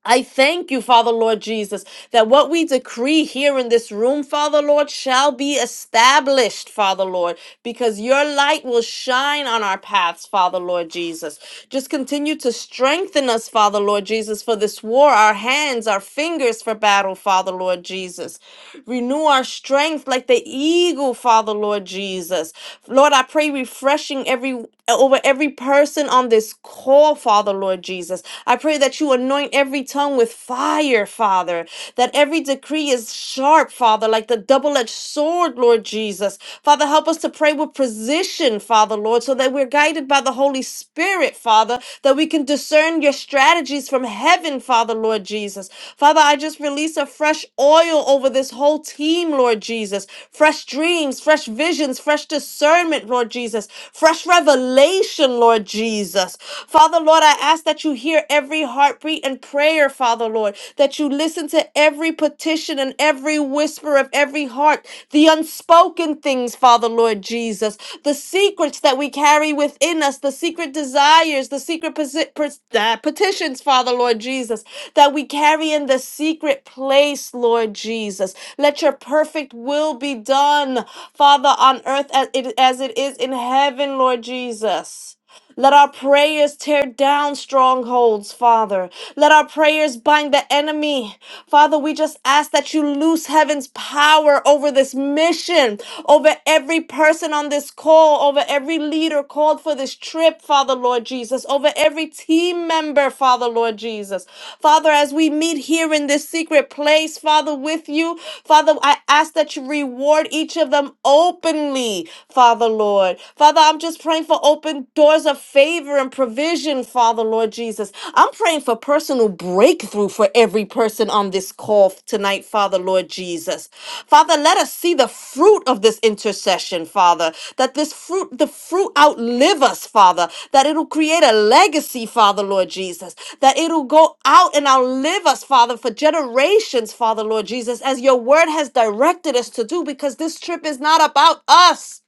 Speaker 5: I thank you, Father Lord Jesus, that what we decree here in this room, Father Lord, shall be established, Father Lord, because your light will shine on our paths, Father Lord Jesus. Just continue to strengthen us, Father Lord Jesus, for this war, our hands, our fingers for battle, Father Lord Jesus. Renew our strength like the eagle, Father Lord Jesus. Lord, I pray refreshing every over every person on this call, Father Lord Jesus. I pray that you anoint every tongue with fire, Father, that every decree is sharp, Father, like the double edged sword, Lord Jesus. Father, help us to pray with precision, Father, Lord, so that we're guided by the Holy Spirit, Father, that we can discern your strategies from heaven, Father, Lord Jesus. Father, I just release a fresh oil over this whole team, Lord Jesus. Fresh dreams, fresh visions, fresh discernment, Lord Jesus. Fresh revelation, Lord Jesus. Father, Lord, I ask that you hear every heartbeat and prayer, Father, Lord, that you listen to every petition and every whisper of every heart, the unspoken things, Father, Lord Jesus, the secrets that we carry within us, the secret desires, the secret posi- pers- uh, petitions, Father, Lord Jesus, that we carry in the secret place, Lord Jesus. Let your perfect will be done, Father, on earth as it, as it is in heaven, Lord Jesus. Let our prayers tear down strongholds, Father. Let our prayers bind the enemy. Father, we just ask that you loose heaven's power over this mission, over every person on this call, over every leader called for this trip, Father, Lord Jesus, over every team member, Father, Lord Jesus. Father, as we meet here in this secret place, Father, with you, Father, I ask that you reward each of them openly, Father, Lord. Father, I'm just just praying for open doors of favor and provision, Father, Lord Jesus. I'm praying for personal breakthrough for every person on this call tonight, Father, Lord Jesus. Father, let us see the fruit of this intercession, Father, that this fruit, the fruit outlive us, Father, that it'll create a legacy, Father, Lord Jesus, that it'll go out and outlive us, Father, for generations, Father, Lord Jesus, as your word has directed us to do, because this trip is not about us.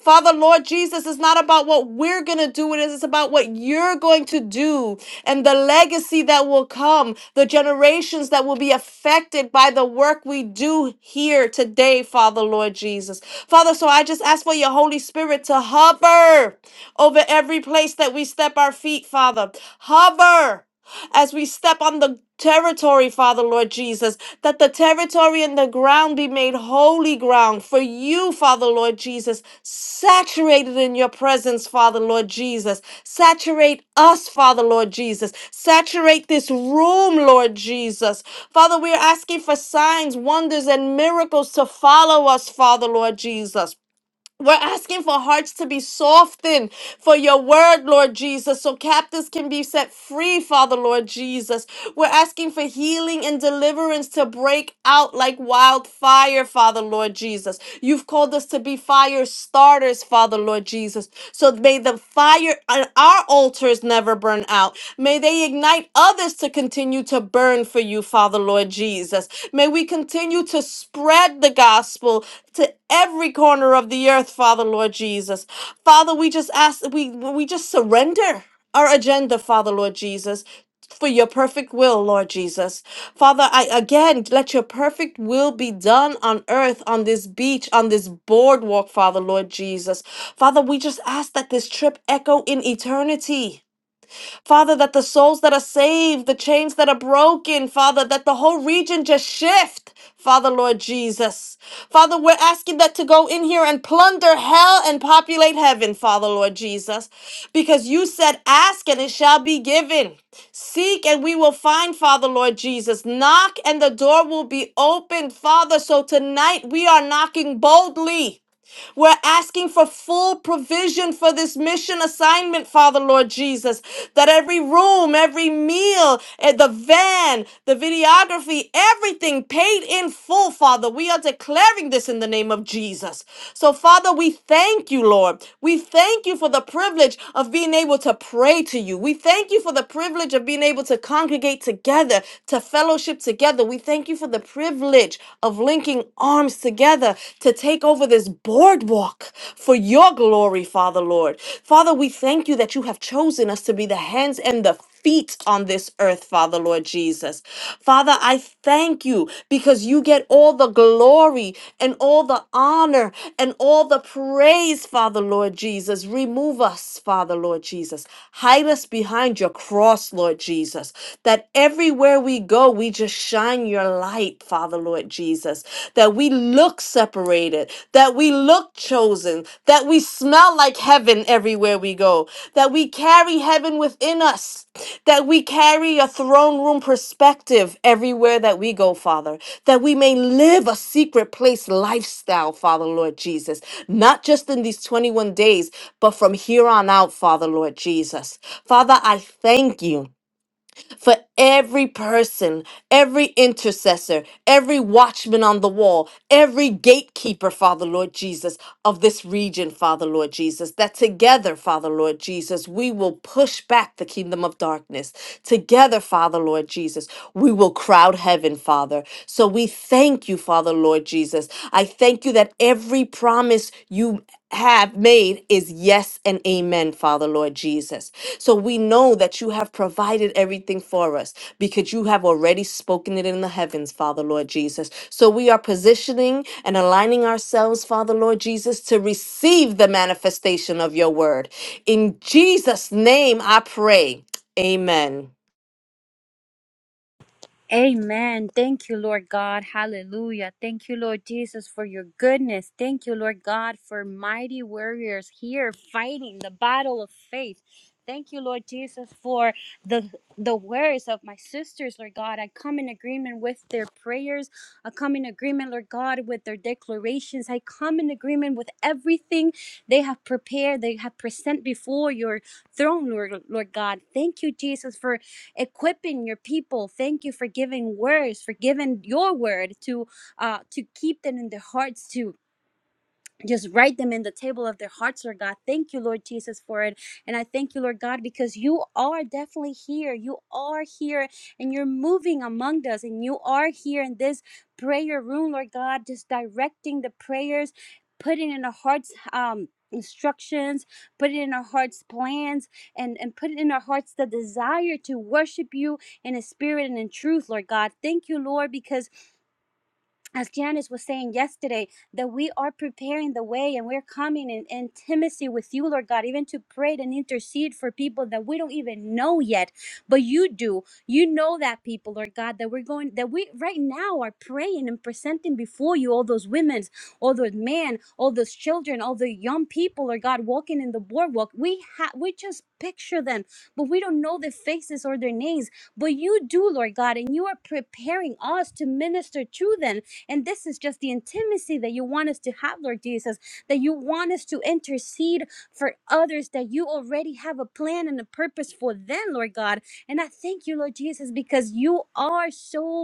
Speaker 5: Father, Lord Jesus, it's not about what we're going to do. It is it's about what you're going to do and the legacy that will come, the generations that will be affected by the work we do here today, Father, Lord Jesus. Father, so I just ask for your Holy Spirit to hover over every place that we step our feet, Father. Hover as we step on the territory, Father Lord Jesus, that the territory and the ground be made holy ground for you, Father Lord Jesus, saturated in your presence, Father Lord Jesus. Saturate us, Father Lord Jesus. Saturate this room, Lord Jesus. Father, we are asking for signs, wonders, and miracles to follow us, Father Lord Jesus. We're asking for hearts to be softened for your word, Lord Jesus, so captives can be set free, Father, Lord Jesus. We're asking for healing and deliverance to break out like wildfire, Father, Lord Jesus. You've called us to be fire starters, Father, Lord Jesus. So may the fire on our altars never burn out. May they ignite others to continue to burn for you, Father, Lord Jesus. Jesus. May we continue to spread the gospel to every corner of the earth, Father, Lord Jesus. Father, we just ask, we, we just surrender our agenda, Father, Lord Jesus. For your perfect will, Lord Jesus. Father, I again let your perfect will be done on earth, on this beach, on this boardwalk, Father, Lord Jesus. Father, we just ask that this trip echo in eternity. Father, that the souls that are saved, the chains that are broken, Father, that the whole region just shift. Father, Lord Jesus. Father, we're asking that to go in here and plunder hell and populate heaven, Father, Lord Jesus. Because you said, ask and it shall be given. Seek and we will find, Father, Lord Jesus. Knock and the door will be opened, Father. So tonight we are knocking boldly. We're asking for full provision for this mission assignment, Father Lord Jesus, that every room, every meal, eh, the van, the videography, everything paid in full, Father. We are declaring this in the name of Jesus. So, Father, we thank you, Lord. We thank you for the privilege of being able to pray to you. We thank you for the privilege of being able to congregate together, to fellowship together. We thank you for the privilege of linking linking arms together to take over this boardwalk for your glory, Father Lord. Father, we thank you that you have chosen us to be the hands and the feet on this earth, Father Lord Jesus. Father, I thank you because you get all the glory and all the honor and all the praise, Father Lord Jesus. Remove us, Father Lord Jesus. Hide us behind your cross, Lord Jesus, that everywhere we go, we just just shine your light, Father Lord Jesus, that we look separated, that we look chosen, that we smell like heaven everywhere we go, that we carry heaven within us, that we carry a throne room perspective everywhere that we go, Father, that we may live a secret place lifestyle, Father Lord Jesus, not just in these 21 days, but from here on out, Father Lord Jesus. Father, I thank you for every person, every intercessor, every watchman on the wall, every gatekeeper, Father Lord Jesus, of this region, Father Lord Jesus, that together, Father Lord Jesus, we will push back the kingdom of darkness. Together, Father Lord Jesus, we will crowd heaven, Father. So we thank you, Father Lord Jesus. I thank you that every promise you have made is yes and amen, Father Lord Jesus. So we know that you have provided everything for us because you have already spoken it in the heavens, Father Lord Jesus. So we are positioning and aligning ourselves, Father Lord Jesus, to receive the manifestation of your word. In Jesus' name I pray. Amen.
Speaker 6: Amen. Thank you, Lord God. Hallelujah. Thank you, Lord Jesus, for your goodness. Thank you, Lord God, for mighty warriors here fighting the battle of faith. Thank you, Lord Jesus, for the the words of my sisters, Lord God. I come in agreement with their prayers. I come in agreement, Lord God, with their declarations. I come in agreement with everything they have prepared, they have present before your throne, Lord, Lord God. Thank you, Jesus, for equipping your people. Thank you for giving words, for giving your word to uh, to keep them in their hearts to just write them in the table of their hearts, Lord God. Thank you, Lord Jesus, for it. And I thank you, Lord God, because you are definitely here. You are here and you're moving among us, and you are here in this prayer room, Lord God, just directing the prayers, putting in our hearts, um, instructions put it in our hearts plans and and put it in our hearts the desire to worship you in a spirit and in truth lord god thank you lord because as Janice was saying yesterday, that we are preparing the way and we're coming in intimacy with you, Lord God, even to pray and intercede for people that we don't even know yet, but you do. You know that people, Lord God, that we're going, that we right now are praying and presenting before you all those women, all those men, all those children, all the young people, Lord God, walking in the boardwalk. We have, we just picture them, but we don't know their faces or their names, but you do, Lord God, and you are preparing us to minister to them and this is just the intimacy that you want us to have, Lord Jesus, that you want us to intercede for others, that you already have a plan and a purpose for them, Lord God. And I thank you, Lord Jesus, because you are so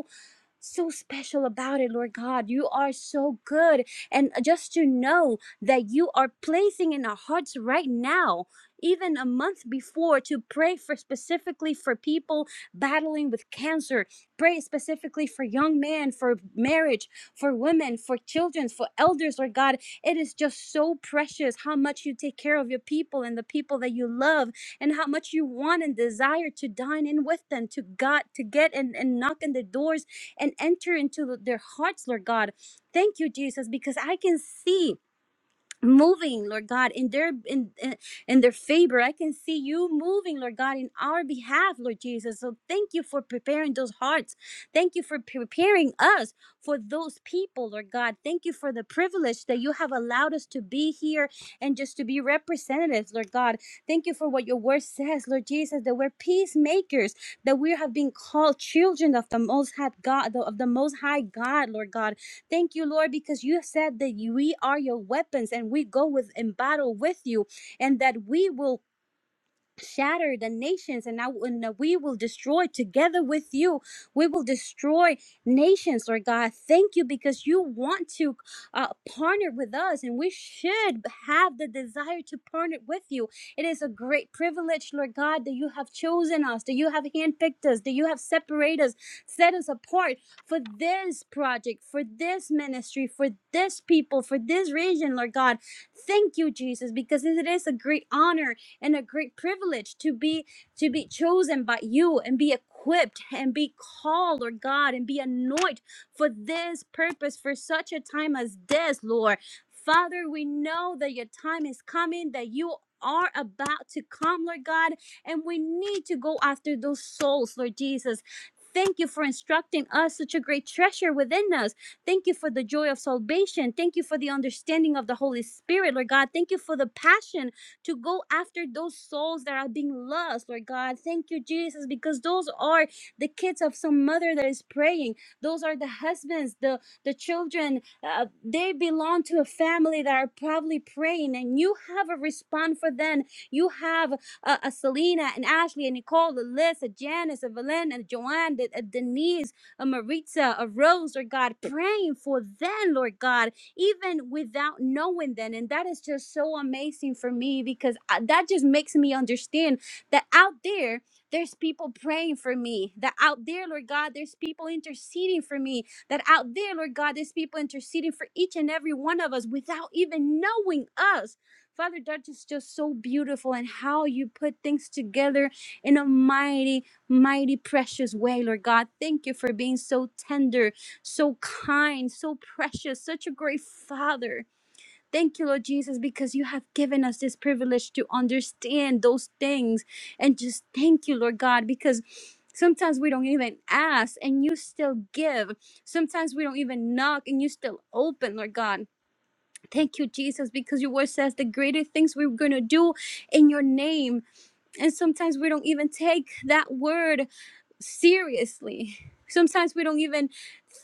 Speaker 6: so special about it, Lord God. You are so good. And just to know that you are placing in our hearts right now, even a month before, to pray for specifically for people battling with cancer, pray specifically for young men, for marriage, for women, for children, for elders, Lord God. It is just so precious how much you take care of your people and the people that you love and how much you want and desire to dine in with them, to God, to get and, and knock on the doors and enter into their hearts, Lord God. Thank you, Jesus, because I can see moving lord god in their in, in in their favor i can see you moving lord god in our behalf lord jesus so thank you for preparing those hearts thank you for preparing us for those people lord god thank you for the privilege that you have allowed us to be here and just to be representatives lord god thank you for what your word says lord jesus that we're peacemakers that we have been called children of the most high god of the most high god lord god Thank you, Lord, because you said that you- we are your weapons and we go with in battle with you and that we will shatter the nations and now and now we will destroy together with you we will destroy nations lord god thank you because you want to uh, partner with us and we should have the desire to partner with you it is a great privilege lord god that you have chosen us that you have handpicked us that you have separated us set us apart for this project for this ministry for this people for this region lord god thank you jesus because it is a great honor and a great privilege to be to be chosen by you and be equipped and be called, Lord God, and be anointed for this purpose, for such a time as this, Lord. Father, we know that your time is coming, that you are about to come, Lord God, and we need to go after those souls, Lord Jesus. Thank you for instructing us such a great treasure within us. Thank you for the joy of salvation. Thank you for the understanding of the Holy Spirit, Lord God. Thank you for the passion to go after those souls that are being lost, Lord God. Thank you, Jesus, because those are the kids of some mother that is praying. Those are the husbands, the, the children. Uh, they belong to a family that are probably praying, and you have a response for them. You have a, a Selena, and Ashley, and Nicole, a Liz, a Janice, a Valen, a Joanne, a, a Denise, a Maritza, a Rose, Lord God, praying for them, Lord God even without knowing then and that is just so amazing for me because I, that just makes me understand that out there there's people praying for me that out there lord god there's people interceding for me that out there lord god there's people interceding for each and every one of us without even knowing us father that is just so beautiful and how you put things together in a mighty mighty precious way lord god thank you for being so tender so kind, so precious, such a great father. Thank you, Lord Jesus, because you have given us this privilege to understand those things. And just thank you, Lord God, because sometimes we don't even ask and you still give. Sometimes we don't even knock and you still open, Lord God. Thank you, Jesus, because your word says the greater things we're going to do in your name. And sometimes we don't even take that word seriously. Sometimes we don't even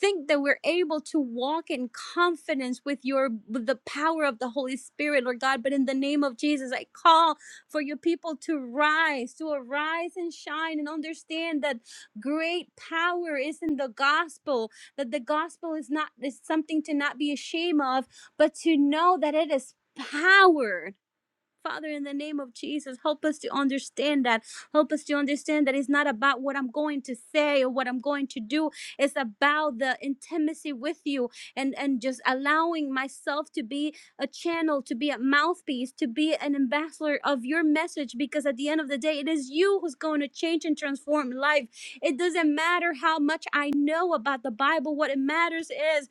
Speaker 6: think that we're able to walk in confidence with your with the power of the Holy Spirit, Lord God. But in the name of Jesus, I call for your people to rise, to arise and shine and understand that great power is in the gospel, that the gospel is not is something to not be ashamed of, but to know that it is power Father, in the name of Jesus, help us to understand that. Help us to understand that it's not about what I'm going to say or what I'm going to do. It's about the intimacy with you and, and just allowing myself to be a channel, to be a mouthpiece, to be an ambassador of your message. Because at the end of the day, it is you who's going to change and transform life. It doesn't matter how much I know about the Bible. What it matters is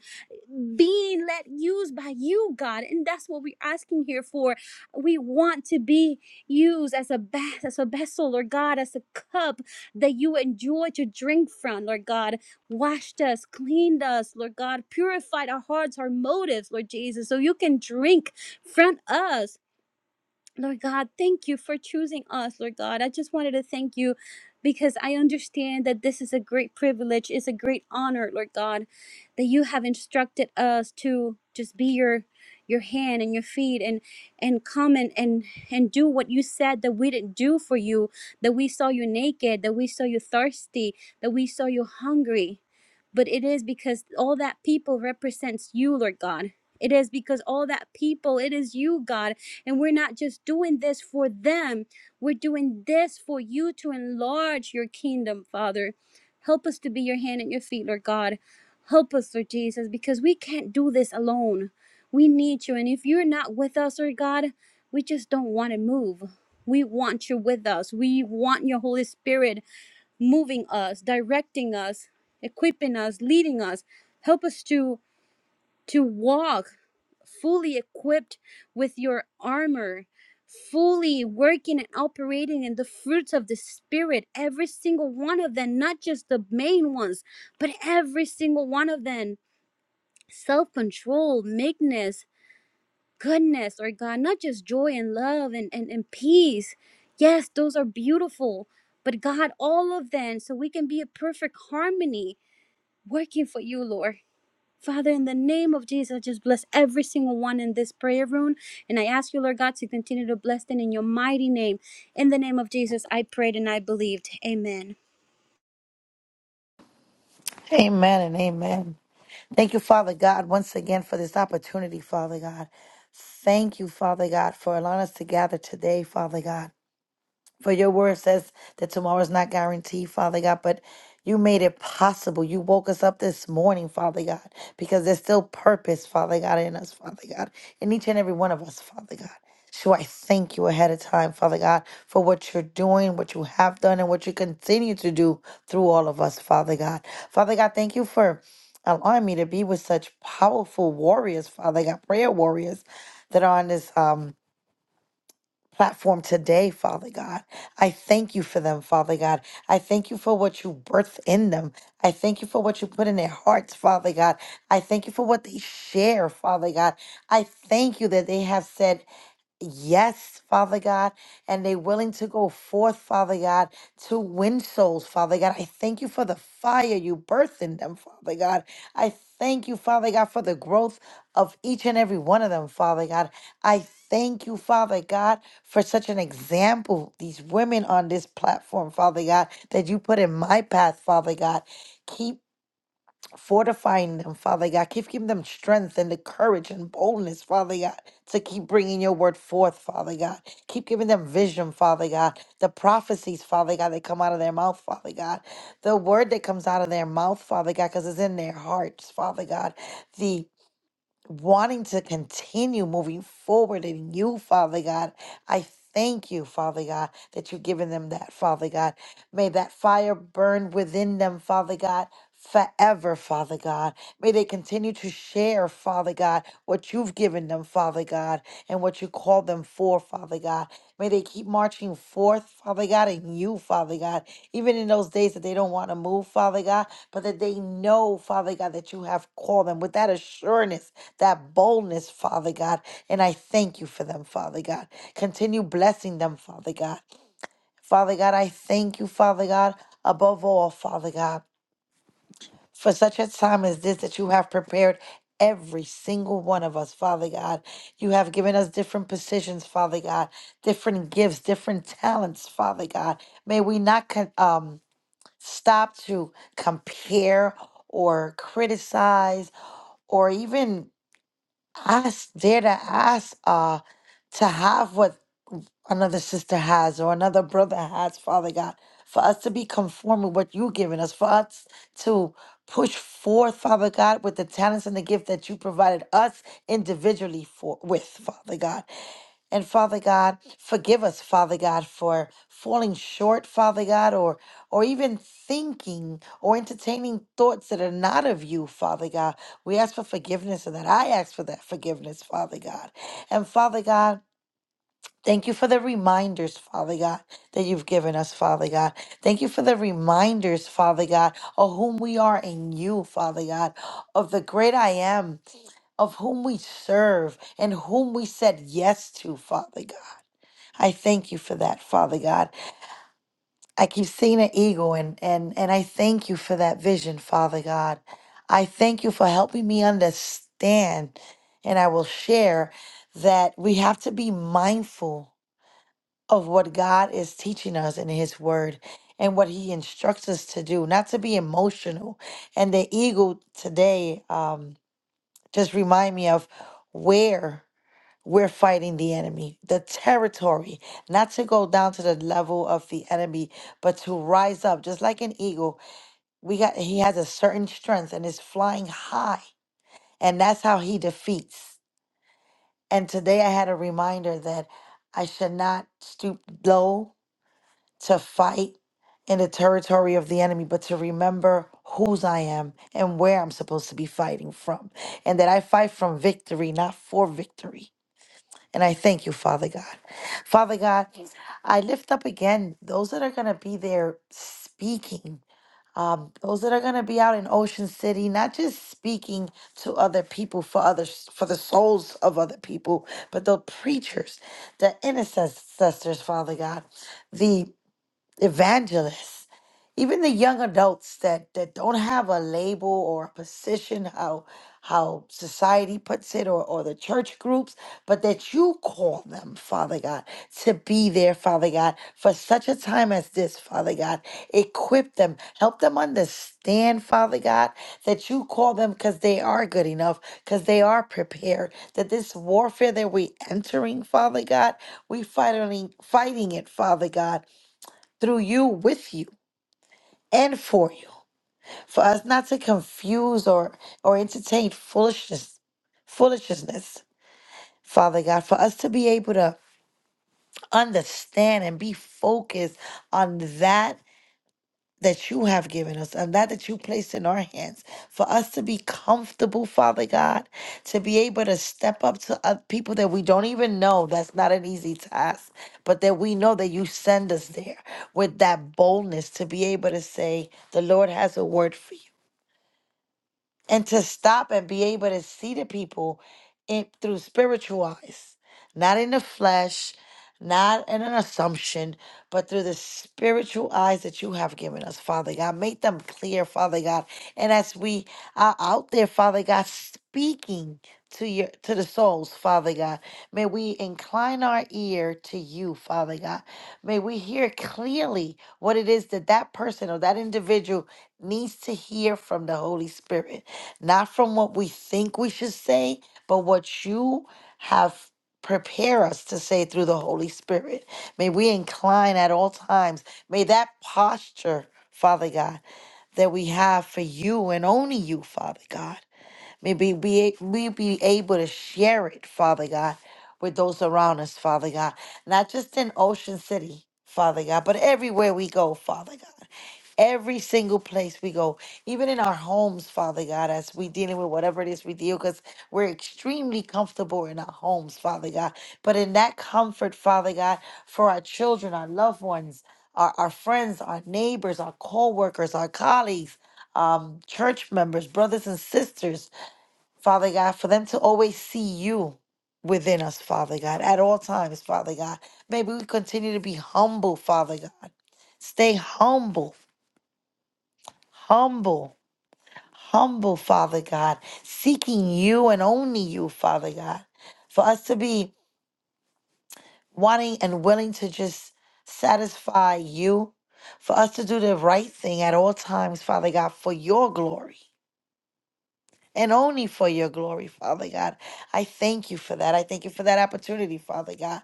Speaker 6: being let use by you, God. And that's what we're asking here for. We want to be used as a bath, as a vessel, Lord God, as a cup that you enjoy to drink from, Lord God. Washed us, cleaned us, Lord God, purified our hearts, our motives, Lord Jesus, so you can drink from us. Lord God, thank you for choosing us, Lord God. I just wanted to thank you because I understand that this is a great privilege, it's a great honor, Lord God, that you have instructed us to just be your your hand and your feet and and come and and and do what you said that we didn't do for you that we saw you naked that we saw you thirsty that we saw you hungry but it is because all that people represents you lord god it is because all that people it is you god and we're not just doing this for them, we're doing this for you to enlarge your kingdom, Father. Help us to be your hand and your feet, Lord God. Help us, Lord Jesus, because we can't do this alone. We need you. And if you're not with us, Lord God, we just don't want to move. We want you with us. We want your Holy Spirit moving us, directing us, equipping us, leading us. Help us to to walk fully equipped with your armor, fully working and operating in the fruits of the Spirit, every single one of them, not just the main ones, but every single one of them. Self control, meekness, goodness, or God, not just joy and love and, and, and peace. Yes, those are beautiful, but God, all of them, so we can be a perfect harmony working for you, Lord. Father, in the name of Jesus, just bless every single one in this prayer room. And I ask you, Lord God, to continue to bless them in your mighty name. In the name of Jesus, I prayed and I believed. Amen.
Speaker 7: Amen and amen. Thank you, Father God, once again for this opportunity, Father God. Thank you, Father God, for allowing us to gather today, Father God. For your word says that tomorrow's not guaranteed, Father God, but you made it possible. You woke us up this morning, Father God, because there's still purpose, Father God, in us, Father God, in each and every one of us, Father God. So I thank you ahead of time, Father God, for what you're doing, what you have done, and what you continue to do through all of us, Father God. Father God, thank you for allowing me to be with such powerful warriors, Father God, prayer warriors that are on this um platform today, Father God. I thank you for them, Father God. I thank you for what you birthed in them. I thank you for what you put in their hearts, Father God. I thank you for what they share, Father God. I thank you that they have said Yes, Father God, and they're willing to go forth, Father God, to win souls, Father God. I thank you for the fire you birthed in them, Father God. I thank you, Father God, for the growth of each and every one of them, Father God. I thank you, Father God, for such an example, these women on this platform, Father God, that you put in my path, Father God. Keep fortifying them, Father God. Keep giving them strength and the courage and boldness, Father God, to keep bringing your word forth, Father God. Keep giving them vision, Father God. The prophecies, Father God, that come out of their mouth, Father God. The word that comes out of their mouth, Father God, because it's in their hearts, Father God wanting to continue moving forward in you, Father God. I thank you, Father God, that you've given them that, Father God. May that fire burn within them, Father God. Forever, Father God. May they continue to share, Father God, what you've given them, Father God, and what you called them for, Father God. May they keep marching forth, Father God, and you, Father God, even in those days that they don't want to move, Father God, but that they know, Father God, that you have called them with that assurance, that boldness, Father God. And I thank you for them, Father God. Continue blessing them, Father God. Father God, I thank you, Father God, above all, Father God for such a time as this that you have prepared every single one of us, Father God. You have given us different positions, Father God, different gifts, different talents, Father God. May we not con- um, stop to compare or criticize or even ask, dare to ask uh, to have what another sister has or another brother has, Father God, for us to be conformed with what you've given us, for us to push forth, Father God, with the talents and the gift that you provided us individually for with, Father God. And Father God, forgive us, Father God, for falling short, Father God, or or even thinking or entertaining thoughts that are not of you, Father God. We ask for forgiveness of that. I ask for that forgiveness, Father God. And Father God, Thank you for the reminders, Father God, that you've given us, Father God. Thank you for the reminders, Father God, of whom we are in you, Father God, of the great I am, of whom we serve, and whom we said yes to, Father God. I thank you for that, Father God. I keep seeing an eagle, and, and, and I thank you for that vision, Father God. I thank you for helping me understand, and I will share that we have to be mindful of what God is teaching us in His Word and what He instructs us to do, not to be emotional. And the eagle today um, just remind me of where we're fighting the enemy, the territory, not to go down to the level of the enemy, but to rise up, just like an eagle. We got he has a certain strength and is flying high, and that's how he defeats. And today I had a reminder that I should not stoop low to fight in the territory of the enemy, but to remember whose I am and where I'm supposed to be fighting from, and that I fight from victory, not for victory. And I thank you, Father God. Father God, I lift up again those that are going to be there speaking, um, those that are going to be out in Ocean City, not just speaking to other people for others, for the souls of other people, but the preachers, the intercessors, Father God, the evangelists, even the young adults that that don't have a label or a position, how how society puts it, or or the church groups, but that you call them, Father God, to be there, Father God, for such a time as this, Father God. Equip them, help them understand, Father God, that you call them because they are good enough, because they are prepared. That this warfare that we're entering, Father God, we fighting fighting it, Father God through you, with you, and for you. For us not to confuse or or entertain foolishness, foolishness, Father God. For us to be able to understand and be focused on that that you have given us and that that you place in our hands for us to be comfortable father god to be able to step up to other people that we don't even know that's not an easy task but that we know that you send us there with that boldness to be able to say the lord has a word for you and to stop and be able to see the people in, through spiritual eyes, not in the flesh, not in an assumption, but through the spiritual eyes that you have given us, Father God. Make them clear, Father God. And as we are out there, Father God, speaking to your to the souls, Father God, may we incline our ear to you, Father God. May we hear clearly what it is that that person or that individual needs to hear from the Holy Spirit, not from what we think we should say, but what you have prepared us to say through the Holy Spirit. May we incline at all times. May that posture, Father God, that we have for you and only you, Father God. May we be, we be able to share it, Father God, with those around us, Father God. Not just in Ocean City, Father God, but everywhere we go, Father God every single place we go, even in our homes, Father God, as we dealing with whatever it is we deal, because we're extremely comfortable in our homes, Father God. But in that comfort, Father God, for our children, our loved ones, our, our friends, our neighbors, our co-workers, our colleagues, um, church members, brothers and sisters, Father God, for them to always see you within us, Father God, at all times, Father God. Maybe we continue to be humble, Father God. Stay humble humble, humble, Father God, seeking you and only you, Father God, for us to be wanting and willing to just satisfy you, for us to do the right thing at all times, Father God, for your glory. and only for your glory, Father God. I thank you for that. I thank you for that opportunity, Father God.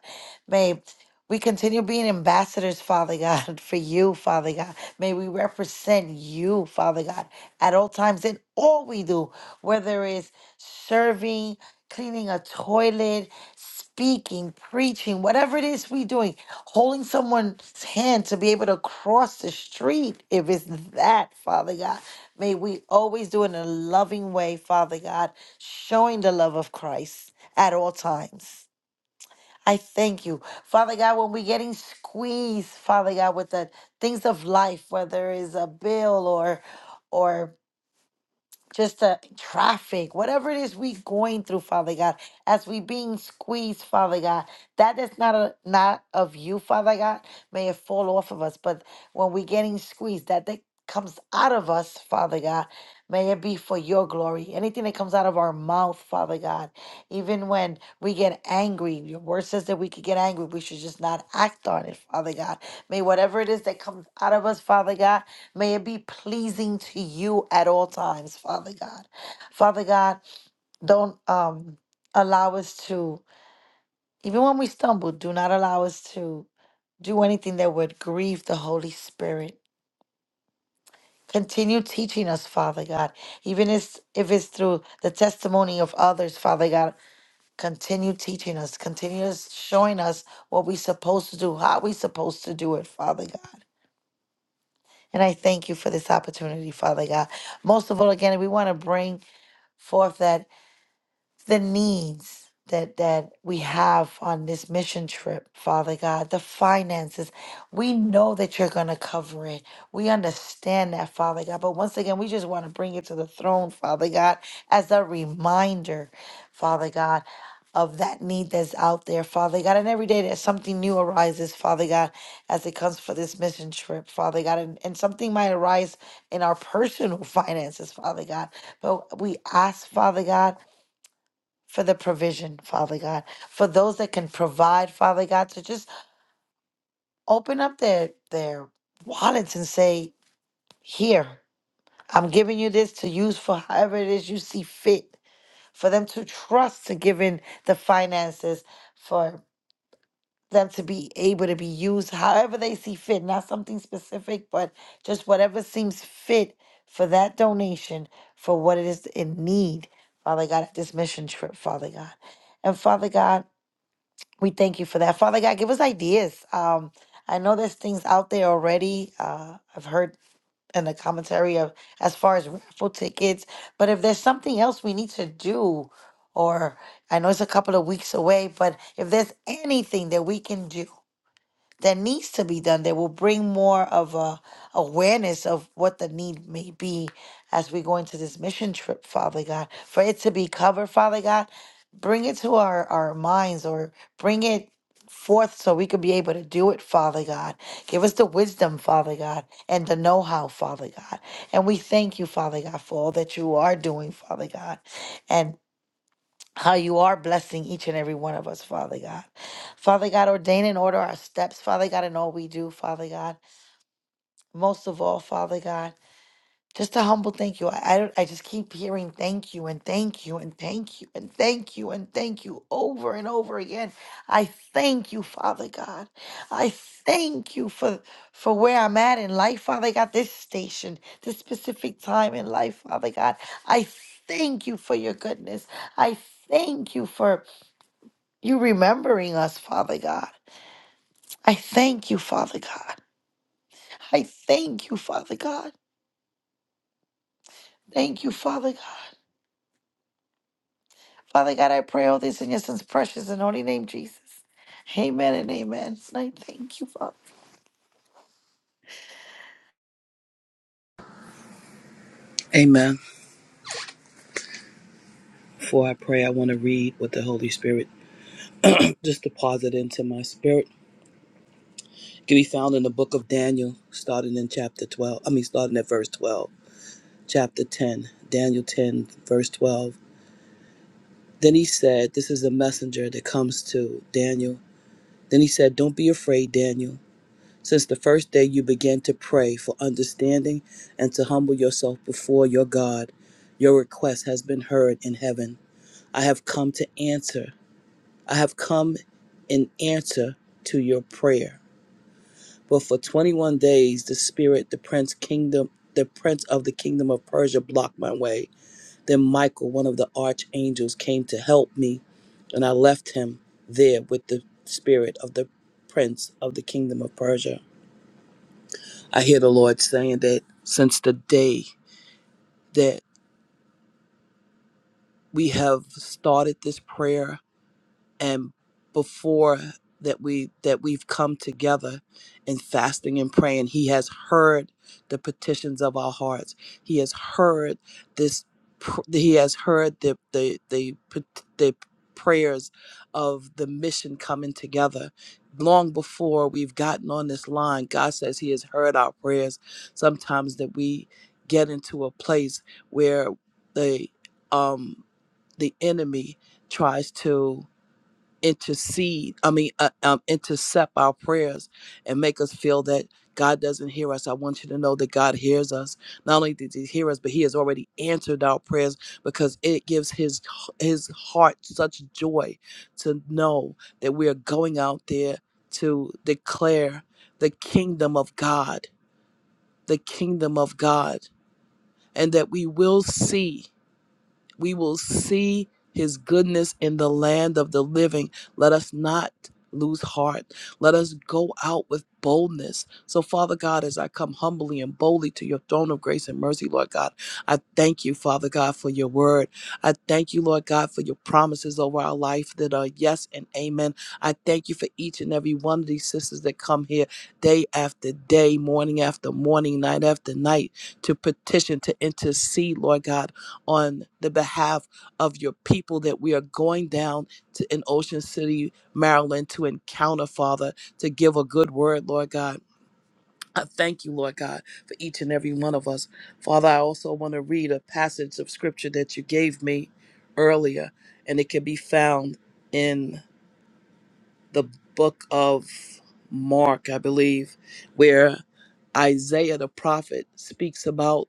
Speaker 7: May we continue being ambassadors, Father God, for you, Father God. May we represent you, Father God, at all times in all we do, whether it's serving, cleaning a toilet, speaking, preaching, whatever it is we're doing, holding someone's hand to be able to cross the street, if it's that, Father God. May we always do it in a loving way, Father God, showing the love of Christ at all times. I thank you. Father God, when we're getting squeezed, Father God, with the things of life, whether it's a bill or or just the traffic, whatever it is we going through, Father God, as we being squeezed, Father God, that is not a, not of you, Father God. May it fall off of us. But when we getting squeezed, that that comes out of us, Father God, may it be for your glory. Anything that comes out of our mouth, Father God, even when we get angry, your word says that we could get angry. We should just not act on it, Father God. May whatever it is that comes out of us, Father God. May it be pleasing to you at all times, Father God. Father God, don't um, allow us to, even when we stumble, do not allow us to do anything that would grieve the Holy Spirit. Continue teaching us, Father God, even if, if it's through the testimony of others, Father God. Continue teaching us, continue showing us what we're supposed to do, how we're supposed to do it, Father God. And I thank you for this opportunity, Father God. Most of all, again, we want to bring Fourth, that the needs that that we have on this mission trip father god the finances we know that you're going to cover it we understand that father god but once again we just want to bring it to the throne father god as a reminder father god of that need that's out there, Father God. And every day that something new arises, Father God, as it comes for this mission trip, Father God. And, and something might arise in our personal finances, Father God. But we ask, Father God for the provision, Father God, for those that can provide, Father God, to just open up their their wallets and say, "Here, I'm giving you this to use for however it is you see fit." For them to trust to give in the finances, for them to be able to be used however they see fit, not something specific, but just whatever seems fit for that donation, for what it is in need, Father God, at this mission trip, Father God. And Father God, We thank you for that. Father God, give us ideas. Um, I know there's things out there already. Uh, I've heard in the commentary of as far as raffle tickets, but if there's something else we need to do, or I know it's a couple of weeks away, but if there's anything that we can do that needs to be done that will bring more of a awareness of what the need may be as we go into this mission trip father god for it to be covered father god bring it to our our minds or bring it forth so we could be able to do it father god give us the wisdom father god and the know-how father god and we thank you father god for all that you are doing father god and how you are blessing each and every one of us, Father God. Father God, ordain and order our steps, Father God, in all we do, Father God. Most of all, Father God, just a humble thank you. I, I don't I just keep hearing thank you and thank you and thank you and thank you and thank you over and over again. I thank you, Father God. I thank you for for where I'm at in life, Father God, this station, this specific time in life, Father God. I thank you for your goodness. I thank you for you remembering us, Father God. I thank you, Father God. I thank you, Father God. Thank you, Father God. Father God, I pray all this in your son's precious and holy name, Jesus. Amen and amen. And I thank you, Father.
Speaker 8: Amen. Before I pray, I want to read with the Holy Spirit, just deposit into my spirit. It Can be found in the book of Daniel, starting in chapter 12. I mean, starting at verse 12. Chapter 10, Daniel 10, verse 12. Then he said, This is a messenger that comes to Daniel. Then he said, Don't be afraid, Daniel. Since the first day you began to pray for understanding and to humble yourself before your God, your request has been heard in heaven. I have come to answer. I have come in answer to your prayer. But for 21 days, the spirit, the prince kingdom, the prince of the kingdom of Persia blocked my way. Then Michael, one of the archangels, came to help me, and I left him there with the spirit of the prince of the kingdom of Persia. I hear the Lord saying that since the day that we have started this prayer and before that we that we've come together in fasting and praying he has heard the petitions of our hearts he has heard this pr- he has heard the the the, pet- the prayers of the mission coming together long before we've gotten on this line god says he has heard our prayers sometimes that we get into a place where the um the enemy tries to intercede i mean uh, um, intercept our prayers and make us feel that god doesn't hear us i want you to know that god hears us not only did he hear us but he has already answered our prayers because it gives his his heart such joy to know that we are going out there to declare the kingdom of god the kingdom of god and that we will see we will see his goodness in the land of the living. Let us not lose heart. Let us go out with boldness. So, Father God, as I come humbly and boldly to your throne of grace and mercy, Lord God, I thank you, Father God, for your word. I thank you, Lord God, for your promises over our life that are yes and amen. I thank you for each and every one of these sisters that come here day after day, morning after morning, night after night to petition, to intercede, Lord God on the behalf of your people that we are going down to in Ocean City, Maryland to encounter, Father, to give a good word, Lord God. I thank you, Lord God, for each and every one of us. Father, I also want to read a passage of scripture that you gave me earlier, and it can be found in the book of Mark, I believe, where Isaiah the prophet speaks about.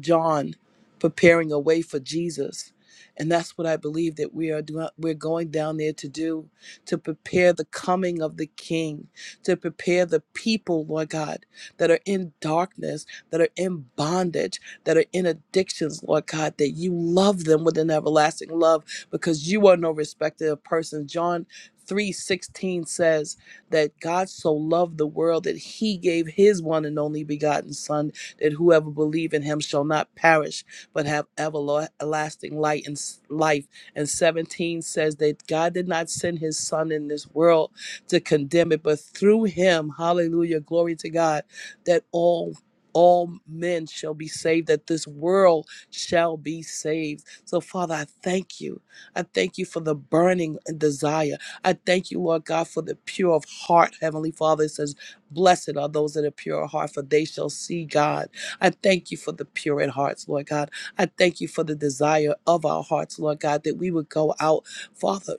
Speaker 8: John preparing a way for Jesus. And that's what I believe that we are doing. We're going down there to do, to prepare the coming of the King, to prepare the people, Lord God, that are in darkness, that are in bondage, that are in addictions, Lord God, that you love them with an everlasting love because you are no respecter of persons. John 3:16 says that God so loved the world that he gave his one and only begotten son that whoever believe in him shall not perish, but have everlasting light and s- life. And 17 says that God did not send his son in this world to condemn it, but through him, hallelujah, glory to God, that all all men shall be saved, that this world shall be saved. So, Father, I thank you. I thank you for the burning desire. I thank you, Lord God, for the pure of heart. Heavenly Father it says, Blessed are those that are pure of heart, for they shall see God. I thank you for the pure in hearts, Lord God. I thank you for the desire of our hearts, Lord God, that we would go out, Father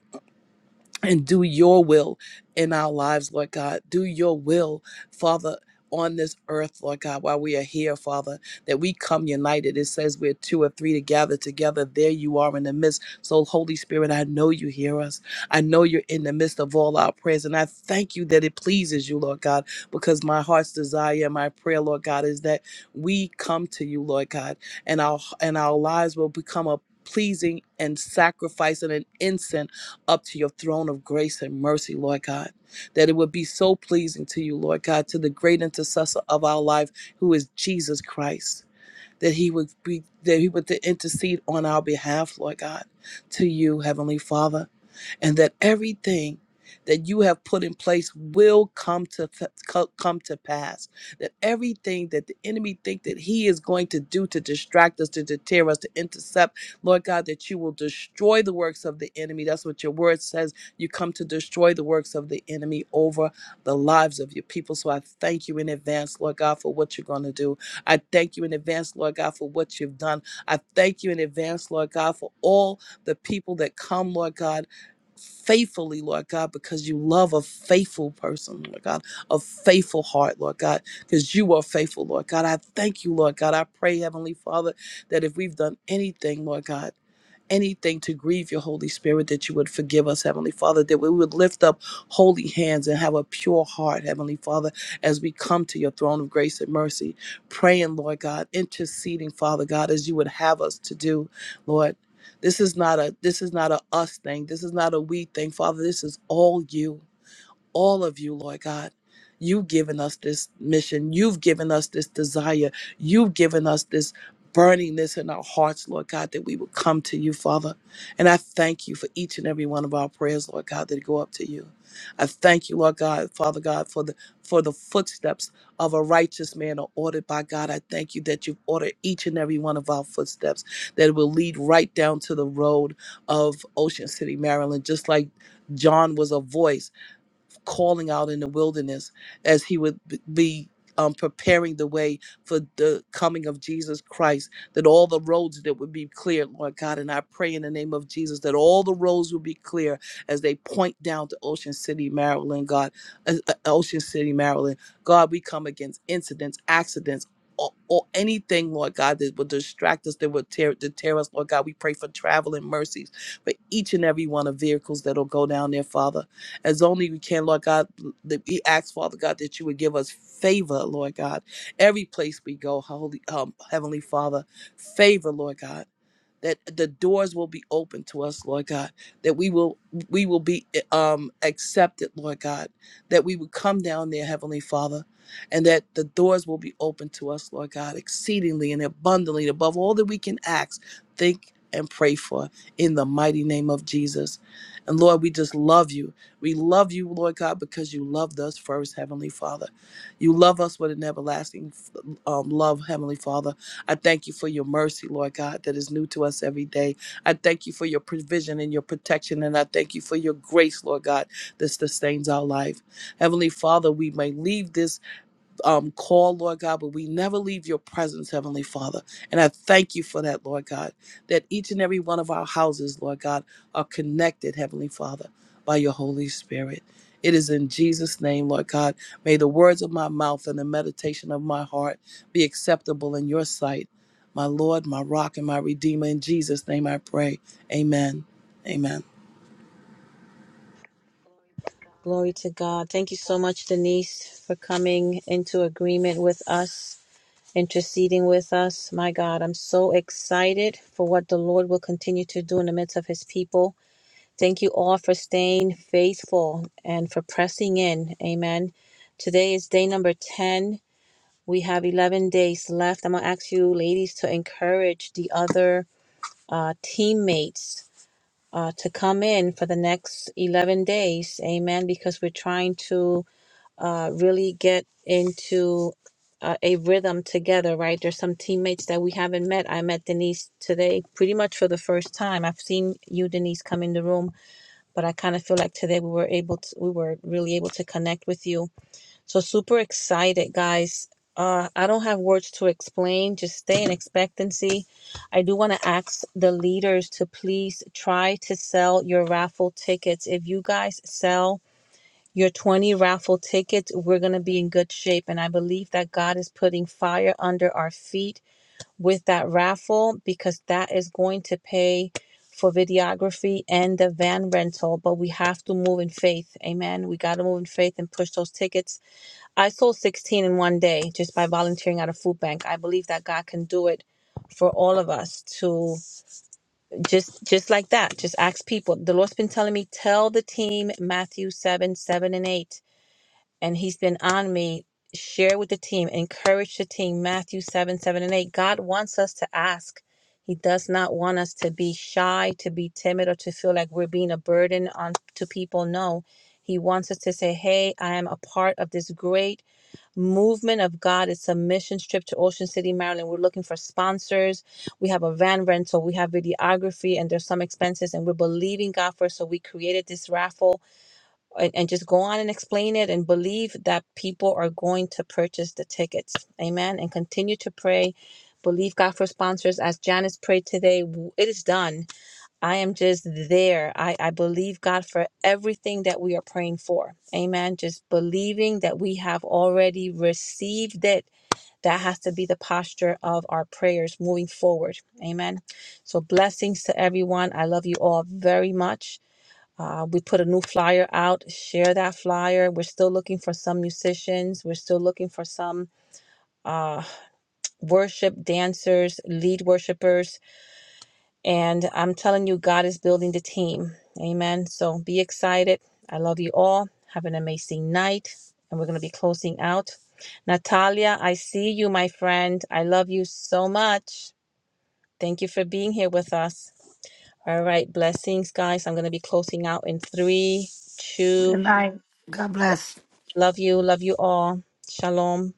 Speaker 8: and do your will in our lives, Lord God. Do your will, Father. On this earth, Lord God, while we are here, Father, that we come united. It says we're two or three to gather together. There you are in the midst. So, Holy Spirit, I know you hear us. I know you're in the midst of all our prayers. And I thank you that it pleases you, Lord God, because my heart's desire and my prayer, Lord God, is that we come to you, Lord God, and our and our lives will become a pleasing and sacrifice and an incense up to your throne of grace and mercy, Lord God, that it would be so pleasing to you, Lord God, to the great intercessor of our life, who is Jesus Christ, that he would be that he would intercede on our behalf, Lord God, to you, Heavenly Father and that everything that you have put in place will come to co- come to pass that everything that the enemy think that he is going to do to distract us to deter us to intercept lord god that you will destroy the works of the enemy that's what your word says you come to destroy the works of the enemy over the lives of your people so i thank you in advance lord god for what you're going to do i thank you in advance lord god for what you've done i thank you in advance lord god for all the people that come lord god faithfully, Lord God, because you love a faithful person, Lord God, a faithful heart, Lord God, because you are faithful, Lord God. I thank you, Lord God. I pray, Heavenly Father, that if we've done anything, Lord God, anything to grieve your Holy Spirit, that you would forgive us, Heavenly Father, that we would lift up holy hands and have a pure heart, Heavenly Father, as we come to your throne of grace and mercy, praying, Lord God, interceding, Father God, as you would have us to do, Lord. This is not a this is not a us thing. This is not a we thing, Father. This is all you all of you, Lord God. You've given us this mission. You've given us this desire. You've given us this burningness in our hearts, Lord God, that we will come to you, Father. And I thank you for each and every one of our prayers, Lord God, that go up to you. I thank you, Lord God, Father God, for the for the footsteps of a righteous man are ordered by God. I thank you that you've ordered each and every one of our footsteps that will lead right down to the road of Ocean City, Maryland, just like John was a voice calling out in the wilderness as he would b- be um, preparing the way for the coming of Jesus Christ, that all the roads that would be cleared, Lord God. And I pray in the name of Jesus that all the roads will be clear as they point down to Ocean City, Maryland, God. Uh, uh, Ocean City, Maryland. God, we come against incidents, accidents. Or, or anything, Lord God, that would distract us, that would tear, to tear us, Lord God. We pray for traveling mercies for each and every one of vehicles that'll go down there, Father as only we can, Lord God. That we ask, Father God, that you would give us favor, Lord God, every place we go, Holy um, Heavenly Father, favor, Lord God that the doors will be open to us, Lord God, that we will we will be um, accepted, Lord God, that we would come down there, Heavenly Father, and that the doors will be open to us, Lord God, exceedingly and abundantly above all that we can ask, think, and pray for in the mighty name of Jesus. And Lord, we just love you. We love you, Lord God, because you loved us first, Heavenly Father. You love us with an everlasting um, love, Heavenly Father I thank you for your mercy, Lord God, that is new to us every day. I thank you for your provision and your protection, and I thank you for your grace, Lord God, that sustains our life. Heavenly Father, we may leave this um, call, Lord God, but we never leave your presence, Heavenly Father. And I thank you for that, Lord God, that each and every one of our houses, Lord God, are connected, Heavenly Father, by your Holy Spirit. It is in Jesus' name, Lord God. May the words of my mouth and the meditation of my heart be acceptable in your sight. My Lord, my rock, and my redeemer. In Jesus' name I pray. Amen. Amen.
Speaker 1: Glory to God. Thank you so much, Denise, for coming into agreement with us, interceding with us. My God, I'm so excited for what the Lord will continue to do in the midst of his people. Thank you all for staying faithful and for pressing in. Amen. Today is day number 10. We have 11 days left. I'm going to ask you, ladies, to encourage the other uh, teammates uh, to come in for the next 11 days. Amen. Because we're trying to uh, really get into uh, a rhythm together, right? There's some teammates that we haven't met. I met Denise today pretty much for the first time. I've seen you, Denise, come in the room but I kind of feel like today we were able to, we were really able to connect with you. So super excited, guys. Uh, I don't have words to explain. Just stay in expectancy. I do want to ask the leaders to please try to sell your raffle tickets. If you guys sell your 20 raffle tickets, we're going to be in good shape. And I believe that God is putting fire under our feet with that raffle because that is going to pay for videography and the van rental. But we have to move in faith. Amen. We got to move in faith and push those tickets. I sold 16 in one day just by volunteering at a food bank. I believe that God can do it for all of us to just just like that just ask people the lord's been telling me tell the team matthew 7 7 and 8 and he's been on me. Share with the team, encourage the team. Matthew 7, 7, and 8. God wants us to ask. He does not want us to be shy, to be timid, or to feel like we're being a burden on to people. No. He wants us to say, Hey, I am a part of this great movement of God. It's a mission trip to Ocean City, Maryland. We're looking for sponsors. We have a van rental, we have videography, and there's some expenses, and we're believing God for. it. So we created this raffle and, and just go on and explain it and believe that people are going to purchase the tickets. Amen. And continue to pray. Believe God for sponsors as Janice prayed today. w- It is done. I am just there. I, I believe God for everything that we are praying for. Amen. Just believing that we have already received it. That has to be the posture of our prayers moving forward. Amen. So, blessings to everyone. I love you all very much. Uh, we put a new flyer out, share that flyer. We're still looking for some musicians. We're still looking for some uh, worship dancers, lead worshipers. And I'm telling you, God is building the team. Amen. So be excited. I love you all. Have an amazing night. And we're going to be closing out. Natalia, I see you, my friend. I love you so much. Thank you for being here with us. All right. Blessings, guys. I'm going to be closing out in three, two
Speaker 7: Good night. God bless.
Speaker 1: Love you. Love you all. Shalom.